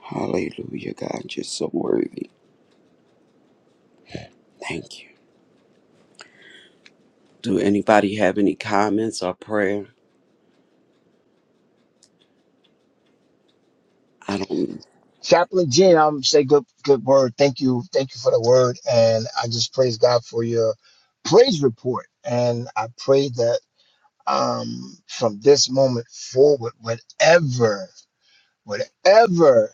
Speaker 4: Hallelujah, God. You're so worthy. Thank you. Do anybody have any comments or prayer? I don't.
Speaker 5: Chaplain Jen, I'm say good good word. Thank you. Thank you for the word. And I just praise God for your praise report. And I pray that um from this moment forward, whatever, whatever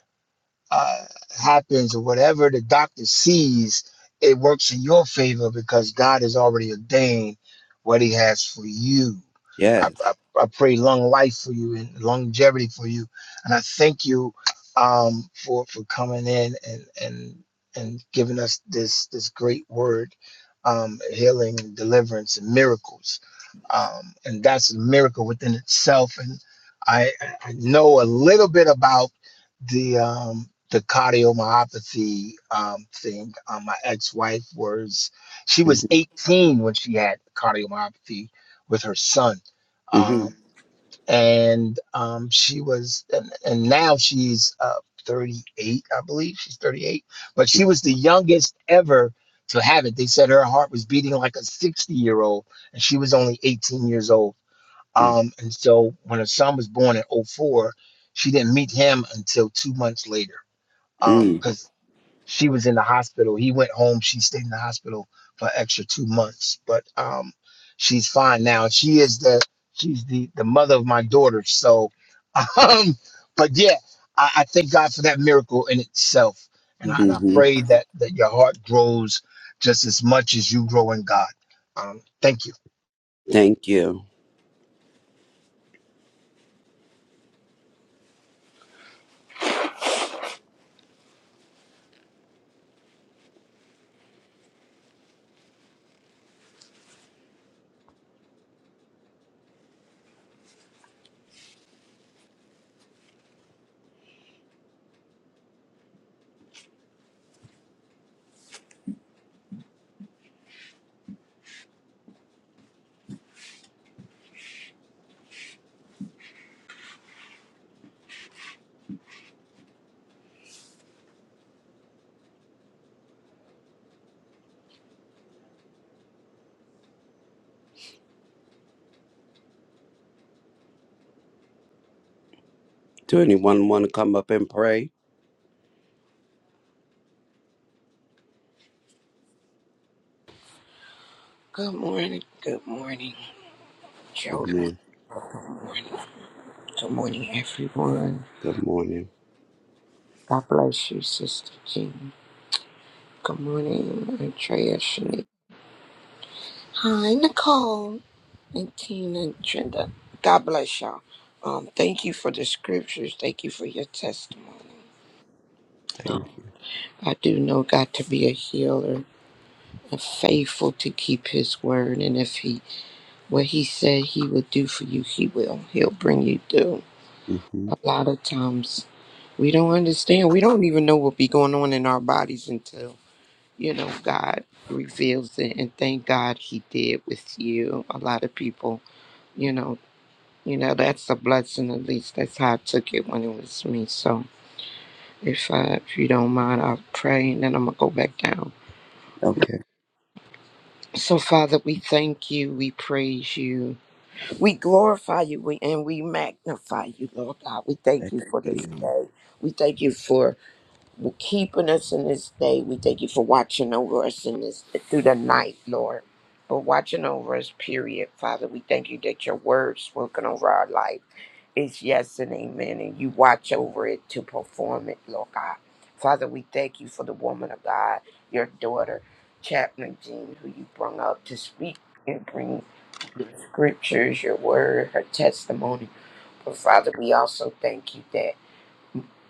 Speaker 5: uh, happens or whatever the doctor sees, it works in your favor because God has already ordained what He has for you. I,
Speaker 4: Yes.
Speaker 5: I, I pray long life for you and longevity for you, and I thank you um, for for coming in and and and giving us this this great word, um, healing and deliverance and miracles, um, and that's a miracle within itself. And I I I know a little bit about the um the cardiomyopathy um thing. Um, my ex-wife was she was 18 when she had cardiomyopathy with her son.
Speaker 4: Mm-hmm.
Speaker 5: Um, and um, she was and, and now she's uh 38, I believe. She's 38, but she was the youngest ever to have it. They said her heart was beating like a 60 year old and she was only 18 years old.
Speaker 4: hmm
Speaker 5: Um, and so when her son was born in '04, she didn't meet him until two months later because she was in the hospital. He went home. She stayed in the hospital for an extra two months, but um, she's fine now. She is the she's the the mother of my daughter. So, (laughs) um, but yeah, I, I thank God for that miracle in itself, and I, and I
Speaker 4: hmm
Speaker 5: pray that that your heart grows just as much as you grow in God. Um, thank you.
Speaker 4: Thank you. Do anyone want to come up and pray?
Speaker 6: Good morning, good morning,
Speaker 4: Good
Speaker 6: children.
Speaker 4: morning.
Speaker 6: Good morning, good morning, everyone.
Speaker 4: Good morning.
Speaker 6: God bless you, Sister Jean. Good morning, Andrea, Shanique. Hi, Nicole and Tina and Trinda. God bless y'all. Um, thank you for the scriptures. Thank you for your testimony.
Speaker 4: Thank
Speaker 6: Um,
Speaker 4: you.
Speaker 6: I do know God to be a healer and faithful to keep His word. And if He what He said He would do for you, He will. He'll bring you through.
Speaker 4: Mm. hmm
Speaker 6: A lot of times We don't understand. We don't even know what be going on in our bodies until, you know, God reveals it. And thank God he did with you. A lot of people, you know, you know, that's a blessing at least. That's how I took it when it was me. So if uh, if you don't mind, I'll pray and then I'm gonna go back down.
Speaker 4: Okay.
Speaker 6: So Father, we thank you, we praise you, we glorify you, we and we magnify you, Lord God. We thank
Speaker 4: Thank
Speaker 6: you for this
Speaker 4: you.
Speaker 6: day. We thank you for We're keeping us in this day. We thank you for watching over us in this through the night, Lord. For watching over us, period. Father, we thank you that your word spoken over our life is yes and amen, and you watch over it to perform it, Lord God. Father, we thank you for the woman of God, your daughter, Chapman Jean, who you brought up to speak and bring your scriptures, your word, her testimony. But Father, we also thank you that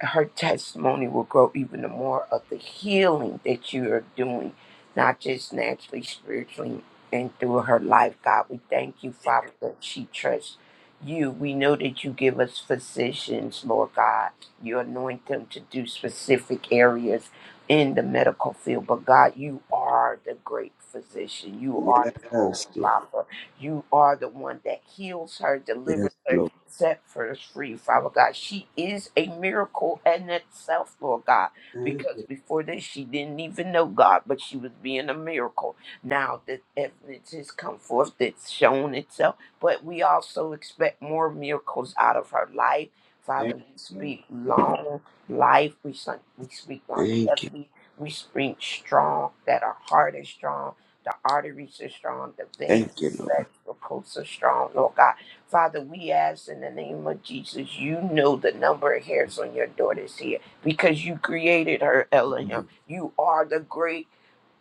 Speaker 6: her testimony will grow even the more of the healing that you are doing, not just naturally, spiritually, and through her life. God, we thank you, Father, that she trusts you. We know that you give us physicians, Lord God. You anoint them to do specific areas in the medical field. But God, you are the great physician. You
Speaker 4: Lord.
Speaker 6: are the Holy
Speaker 4: Yes, Lord.
Speaker 6: Father. You are the one that heals her,
Speaker 4: Yes,
Speaker 6: delivers her,
Speaker 4: Lord.
Speaker 6: set us free, Father God. She is a miracle in itself, Lord God,
Speaker 4: Thank
Speaker 6: because
Speaker 4: you.
Speaker 6: before this she didn't even know God, but she was being a miracle. Now the evidence has come forth that's shown itself, but we also expect more miracles out of her life. Father,
Speaker 4: Thank
Speaker 6: we
Speaker 4: you, Lord.
Speaker 6: speak long life, we, son- we speak
Speaker 4: Thank you.
Speaker 6: longevity, we speak strong, that our heart is strong, the arteries are strong, the veins,
Speaker 4: Thank you, Lord.
Speaker 6: the vegetables are strong, Lord God Father, we ask in the name of Jesus, you know the number of hairs on your daughter's head because you created her, Elohim.
Speaker 4: Mhm.
Speaker 6: You are the great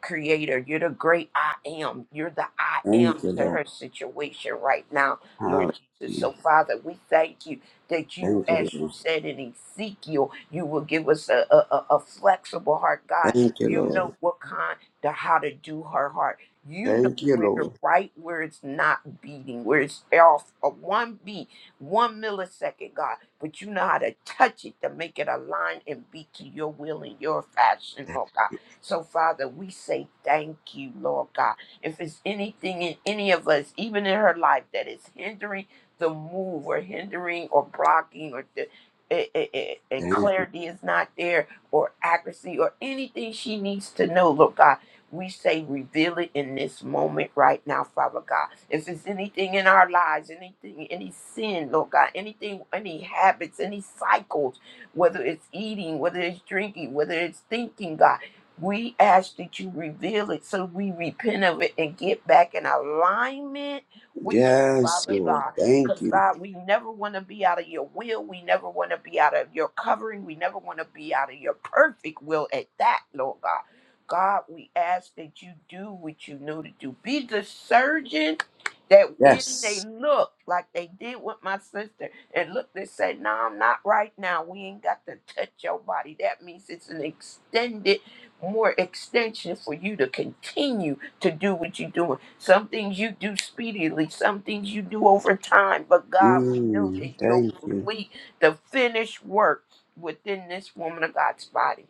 Speaker 6: creator. You're the great I am. You're the I
Speaker 4: Thank
Speaker 6: am
Speaker 4: you,
Speaker 6: to
Speaker 4: Lord.
Speaker 6: her situation right now, Lord Jesus. So,
Speaker 4: Hallelujah.
Speaker 6: Father, we thank you that you,
Speaker 4: Thank you,
Speaker 6: as you
Speaker 4: Lord.
Speaker 6: said in Ezekiel, you will give us a, a, a a flexible heart, God.
Speaker 4: Thank you,
Speaker 6: You
Speaker 4: Lord.
Speaker 6: know what kind to how to do her heart. You know
Speaker 4: Thank you,
Speaker 6: where
Speaker 4: Lord.
Speaker 6: right where it's not beating, where it's off a one beat, one millisecond, God. But you know how to touch it to make it align and beat to your will and your fashion, Lord God. So, Father, we say thank you, Lord God. If it's anything in any of us, even in her life, that is hindering the move or hindering or blocking or the, eh, eh, eh, and
Speaker 4: Thank you.
Speaker 6: clarity is not there or accuracy or anything she needs to know, Lord God, we say reveal it in this moment right now, Father God. If it's anything in our lives, anything, any sin, Lord God, anything, any habits, any cycles, whether it's eating, whether it's drinking, whether it's thinking, God. We ask that you reveal it so we repent of it and get back in alignment with you,
Speaker 4: Yes,
Speaker 6: Father
Speaker 4: Lord.
Speaker 6: God.
Speaker 4: Thank
Speaker 6: Because,
Speaker 4: you.
Speaker 6: God, we never want to be out of your will. We never want to be out of your covering. We never want to be out of your perfect will at that, Lord God. God, we ask that you do what you know to do. Be the surgeon that in they
Speaker 4: Yes.
Speaker 6: look like they did with my sister and look they say no i'm not right now we ain't got to touch your body that means it's an extended more extension for you to continue to do what you're doing. Some things you do speedily, some things you do over time, but God, we know that
Speaker 4: Mm,
Speaker 6: you'll
Speaker 4: thank you.
Speaker 6: complete the finished work within this woman of God's body.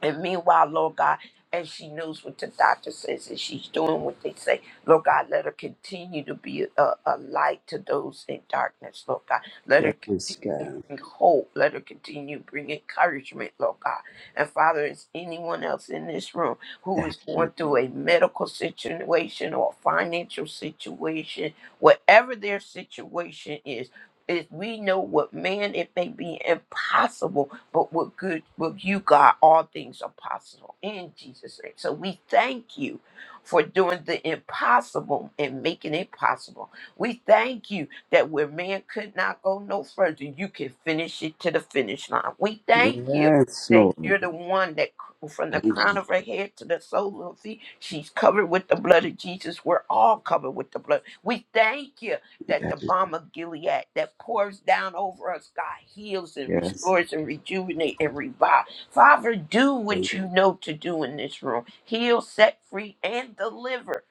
Speaker 6: And meanwhile, Lord God, as she knows what the doctor says and she's doing what they say, Lord God, let her continue to be a, a light to those in darkness, Lord God. Let her
Speaker 4: Yes,
Speaker 6: continue to
Speaker 4: God.
Speaker 6: bring hope. Let her continue to bring encouragement, Lord God. And Father, is anyone else in this room who
Speaker 4: Thank
Speaker 6: is
Speaker 4: you.
Speaker 6: going through a medical situation or a financial situation, whatever their situation is, if we know what man, it may be impossible but with good with you god all things are possible in jesus name so we thank you for doing the impossible and making it possible we thank you that where man could not go no further you can finish it to the finish line we thank you
Speaker 4: Yes,
Speaker 6: that
Speaker 4: Lord.
Speaker 6: you're the one that c- from the
Speaker 4: Thank
Speaker 6: crown
Speaker 4: you.
Speaker 6: of her head to the sole of her feet she's covered with the blood of jesus we're all covered with the blood we thank you that
Speaker 4: Thank
Speaker 6: the
Speaker 4: you.
Speaker 6: balm of Gilead that pours down over us, God, heals and
Speaker 4: Yes.
Speaker 6: restores and rejuvenates and revives. Father, do
Speaker 4: God.
Speaker 6: what you know to do in this room. Heal, set free, and deliver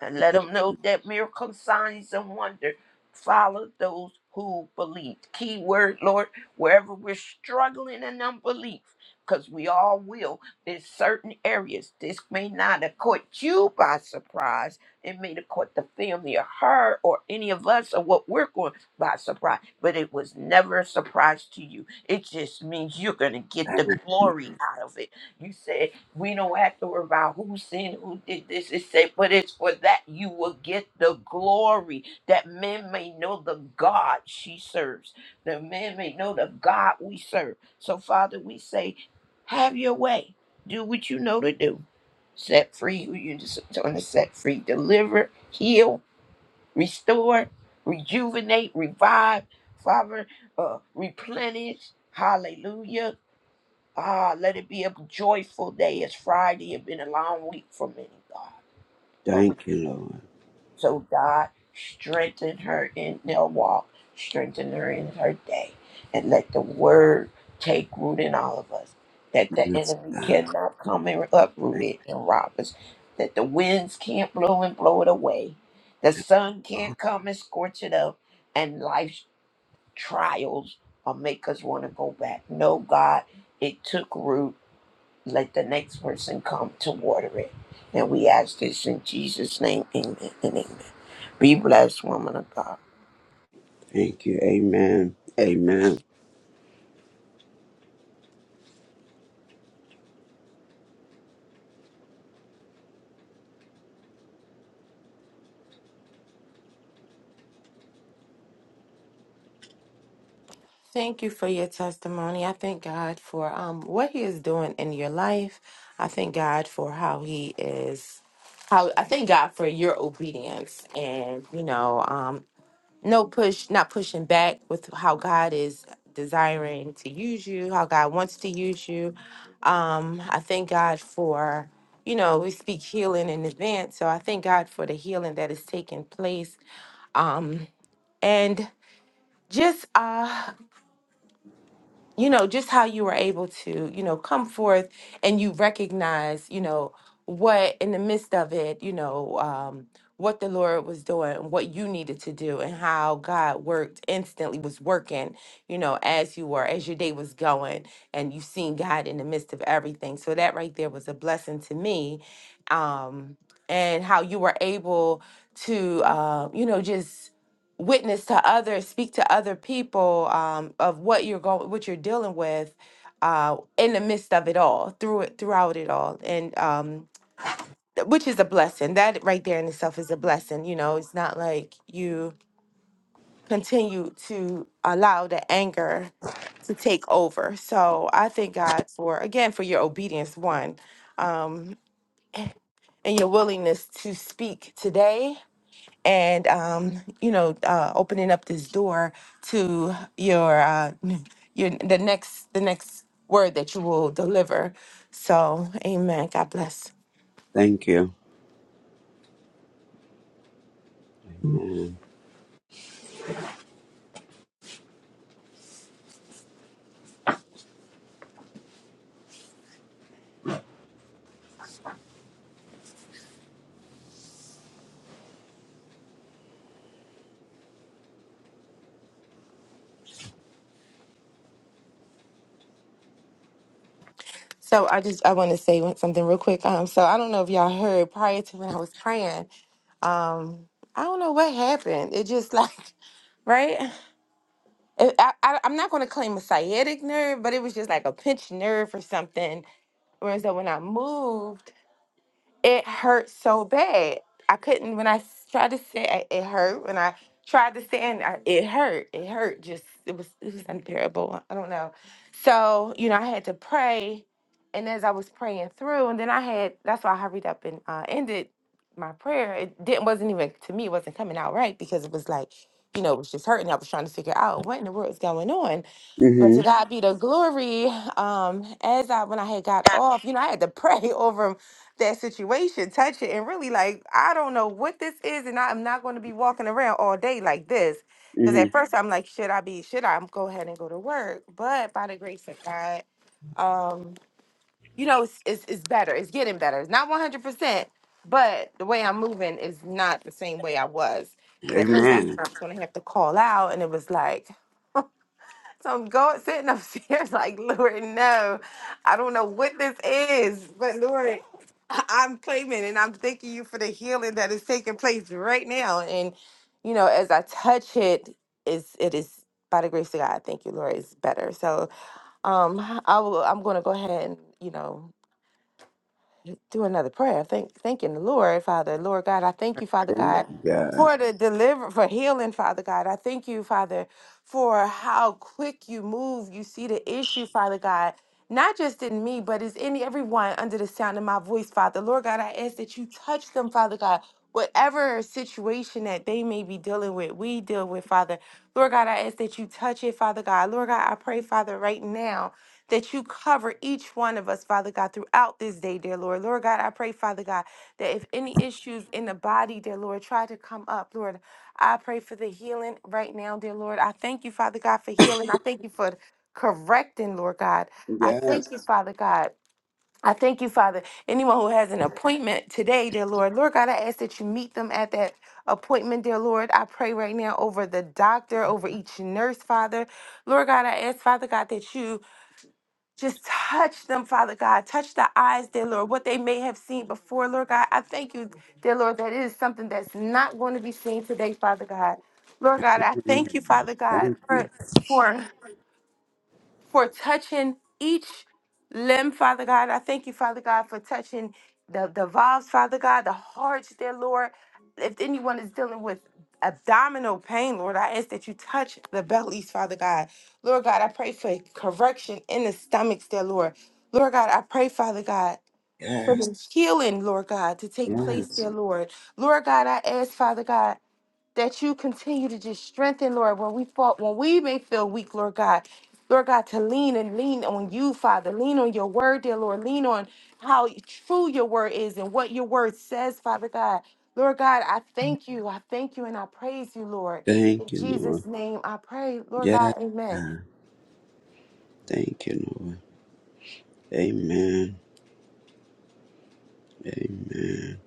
Speaker 6: and let them know that miracle signs and wonder follow those who believe. Key word, Lord, wherever we're struggling in unbelief, because we all will there's certain areas. This may not have caught you by surprise. It may have caught the family or her or any of us or what we're going by surprise, but it was never a surprise to you. It just means you're going to get the glory out of it. You said we don't have to worry about who sinned, who did this. It said, but it's for that you will get the glory, that men may know the God she serves, that men may know the God we serve. So, Father, we say, have your way. Do what you know to do. Set free who you just want to set free. Deliver, heal, restore, rejuvenate, revive, Father, uh, replenish. Hallelujah Ah, let it be a joyful day. It's Friday. It's been a long week for many, God. But we
Speaker 4: Thank you, Lord.
Speaker 6: so God strengthen her in their walk, strengthen her in her day, and let the word take root in all of us. That the
Speaker 4: Yes,
Speaker 6: enemy
Speaker 4: God.
Speaker 6: cannot come and uproot it and rob us. That the winds can't blow and blow it away. The sun
Speaker 4: Oh,
Speaker 6: can't come and scorch it up. And life's trials will make us want to go back. No, God, it took root let the next person come to water it. And we ask this in Jesus' name, amen and amen. Be blessed, woman of God.
Speaker 4: thank you. Amen. Amen.
Speaker 3: Thank you for your testimony. I thank God for um, what He is doing in your life. I thank God for how He is. How I thank God for your obedience, and you know, um. no push, not pushing back with how God is desiring to use you, how God wants to use you. Um, I thank God for, you know, we speak healing in advance. So I thank God for the healing that is taking place. Um, and just uh you know, just how you were able to, you know, come forth and you recognize, you know, what in the midst of it, you know, um, what the Lord was doing, and what you needed to do, and how God worked instantly was working, you know, as you were, as your day was going, and you seen God in the midst of everything. So that right there was a blessing to me. Um, and how you were able to, uh, you know, just witness to others, speak to other people um, of what you're going, what you're dealing with, uh, in the midst of it all, through it, throughout it all, and um, th- which is a blessing. That right there in itself is a blessing. You know, it's not like you continue to allow the anger to take over. So I thank God for again for your obedience, one, um, and your willingness to speak today and um, you know, uh, opening up this door to your uh, n- your the next the next word that you will deliver. So, Amen. God bless.
Speaker 4: Thank you.
Speaker 3: So, I just I want to say one- something real quick. Um, so I don't know if y'all heard prior to when I was praying. Um, I don't know what happened. It just like, (laughs) right? It, I, I I'm not going to claim a sciatic nerve, but it was just like a pinched nerve or something. Whereas that when I moved. it hurt so bad. I couldn't when I s- tried to sit. I- It hurt when I tried to stand. I, it hurt. It hurt. Just it was it was unbearable. I don't know. So you know, I had to pray, and as I was praying through, and then I had that's why I hurried up and uh, ended my prayer. It didn't wasn't even to me. It wasn't coming out right because it was like you know it was just hurting. I was trying to figure out what in the world is going on. But to
Speaker 4: Mm-hmm.
Speaker 3: God be the glory. Um, as I when I had got off, you know, I had to pray (laughs) over that situation, touch it, and really like, I don't know what this is, and I'm not going to be walking around all day like this. Because at
Speaker 4: Mm-hmm.
Speaker 3: first I'm like, should I be? Should I go ahead and go to work? But by the grace of God, um, you know, it's it's, it's better. It's getting better. It's not 100, percent but the way I'm moving is not the same way I was. Because at first I
Speaker 4: Amen.
Speaker 3: thought I was going to have to call out, and it was like. So I'm going sitting upstairs (laughs) like Lord, no, I don't know what this is, but Lord, I- I'm claiming and I'm thanking you for the healing that is taking place right now. And you know, as I touch it, is it is by the grace of God. Thank you, Lord. It's better. So um, I will. I'm going to go ahead and you know through another prayer. Thank thanking the Lord, Father, Lord God. I thank you, Father
Speaker 4: Thank
Speaker 3: God,
Speaker 4: you, God.
Speaker 3: for the deliver for healing, Father God. I thank you, Father, for how quick you move. You see the issue, Father God. Not just in me, but is in everyone under the sound of my voice, Father. Lord God, I ask that you touch them, Father God. Whatever situation that they may be dealing with, we deal with, Father. Lord God, I ask that you touch it, Father God. Lord God, I pray, Father, right now that you cover each one of us, Father God, throughout this day, dear Lord. Lord God, I pray, Father God, that if any issues in the body, dear Lord, try to come up, Lord, I pray for the healing right now, dear Lord. I thank you, Father God, for healing. I thank you for correcting, Lord God. I thank you,
Speaker 4: Yes.
Speaker 3: Father God. I thank you, Father. Anyone who has an appointment today, dear Lord, Lord God, I ask that you meet them at that appointment, dear Lord. I pray right now over the doctor, over each nurse, Father. Lord God, I ask, Father God, that you just touch them, Father God. Touch the eyes, dear Lord, what they may have seen before, Lord God. I thank you, dear Lord, that it is something that's not going to be seen today, Father God. Lord God, I thank you,
Speaker 4: Mhm.
Speaker 3: Father God,
Speaker 4: Thank
Speaker 3: Lord,
Speaker 4: you.
Speaker 3: for for touching each limb, Father God. I thank you, Father God, for touching the, the valves, Father God, the hearts, dear Lord. If anyone is dealing with abdominal pain, Lord, I ask that you touch the bellies, Father God. Lord God, I pray for correction in the stomachs, dear Lord. Lord God, I pray, Father God,
Speaker 4: Yes.
Speaker 3: healing, Lord God, to take place,
Speaker 4: Yes.
Speaker 3: dear Lord. Lord God, I ask, Father God that you continue to just strengthen, Lord, when we fall, when we may feel weak, Lord God. Lord God, to lean and lean on you, Father. Lean on your word, dear Lord. Lean on how true your word is and what your word says, Father God. Lord God, I thank you. I thank you and I praise you, Lord. In
Speaker 4: Thank you, Lord.
Speaker 3: Jesus' name I pray, Lord
Speaker 4: Yes.
Speaker 3: God, amen.
Speaker 4: God. Thank you, Lord. Amen. Amen.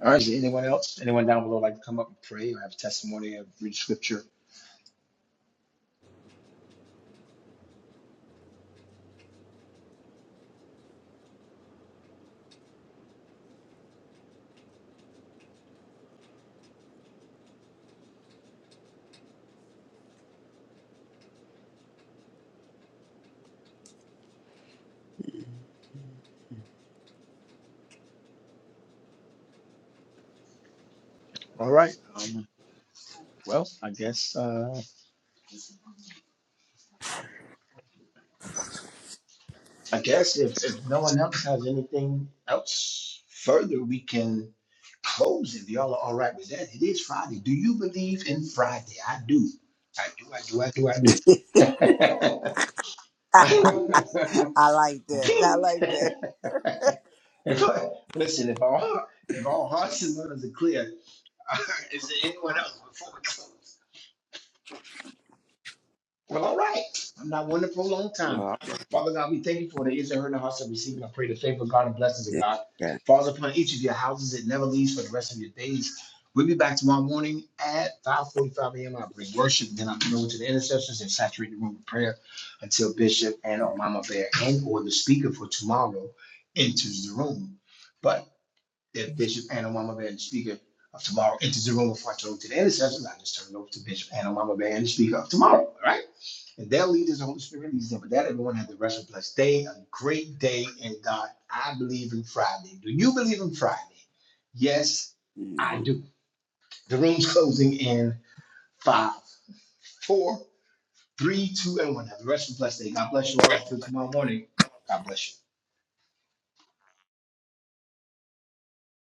Speaker 5: All right. Is there anyone else? Anyone down below like to come up and pray or have testimony or read scripture? All right. Um, well, I guess uh, I guess if, if no one else has anything else further, we can close if y'all are all right with that. It is Friday. Do you believe in Friday? I do. I do. I do. I do. I do. (laughs)
Speaker 4: I like that. I like
Speaker 5: if I, listen, if all if all hearts and minds are clear, (laughs) is there anyone else before we close? Well, all right. I'm not one to prolong
Speaker 4: that.
Speaker 5: time. Father God, we thank you for the ears and heard in the hearts of receiving. I pray the favor of God and blessings of
Speaker 4: Yeah.
Speaker 5: God
Speaker 4: Yeah.
Speaker 5: falls upon each of your houses. It never leaves for the rest of your days. We'll be back tomorrow morning at 5.45 a.m. I bring worship. Then I come over to the intercessions and saturate the room with prayer until Bishop and or Mama Bear and or the speaker for tomorrow enters the room. But that Bishop Anawama Van, Speaker of tomorrow, enters the room before I turn to the intercessors. I just turn it over to Bishop Anawama Van, Speaker of tomorrow. All right. And that leaders, the Holy Spirit leads them. But that everyone has the rest of a blessed day, a great day in God. I believe in Friday. Do you believe in Friday? Yes,
Speaker 4: Mm.
Speaker 5: I do. The room's closing in five, four, three, two, and one. Have the rest of a blessed day. God bless you all. Till tomorrow morning. God bless you.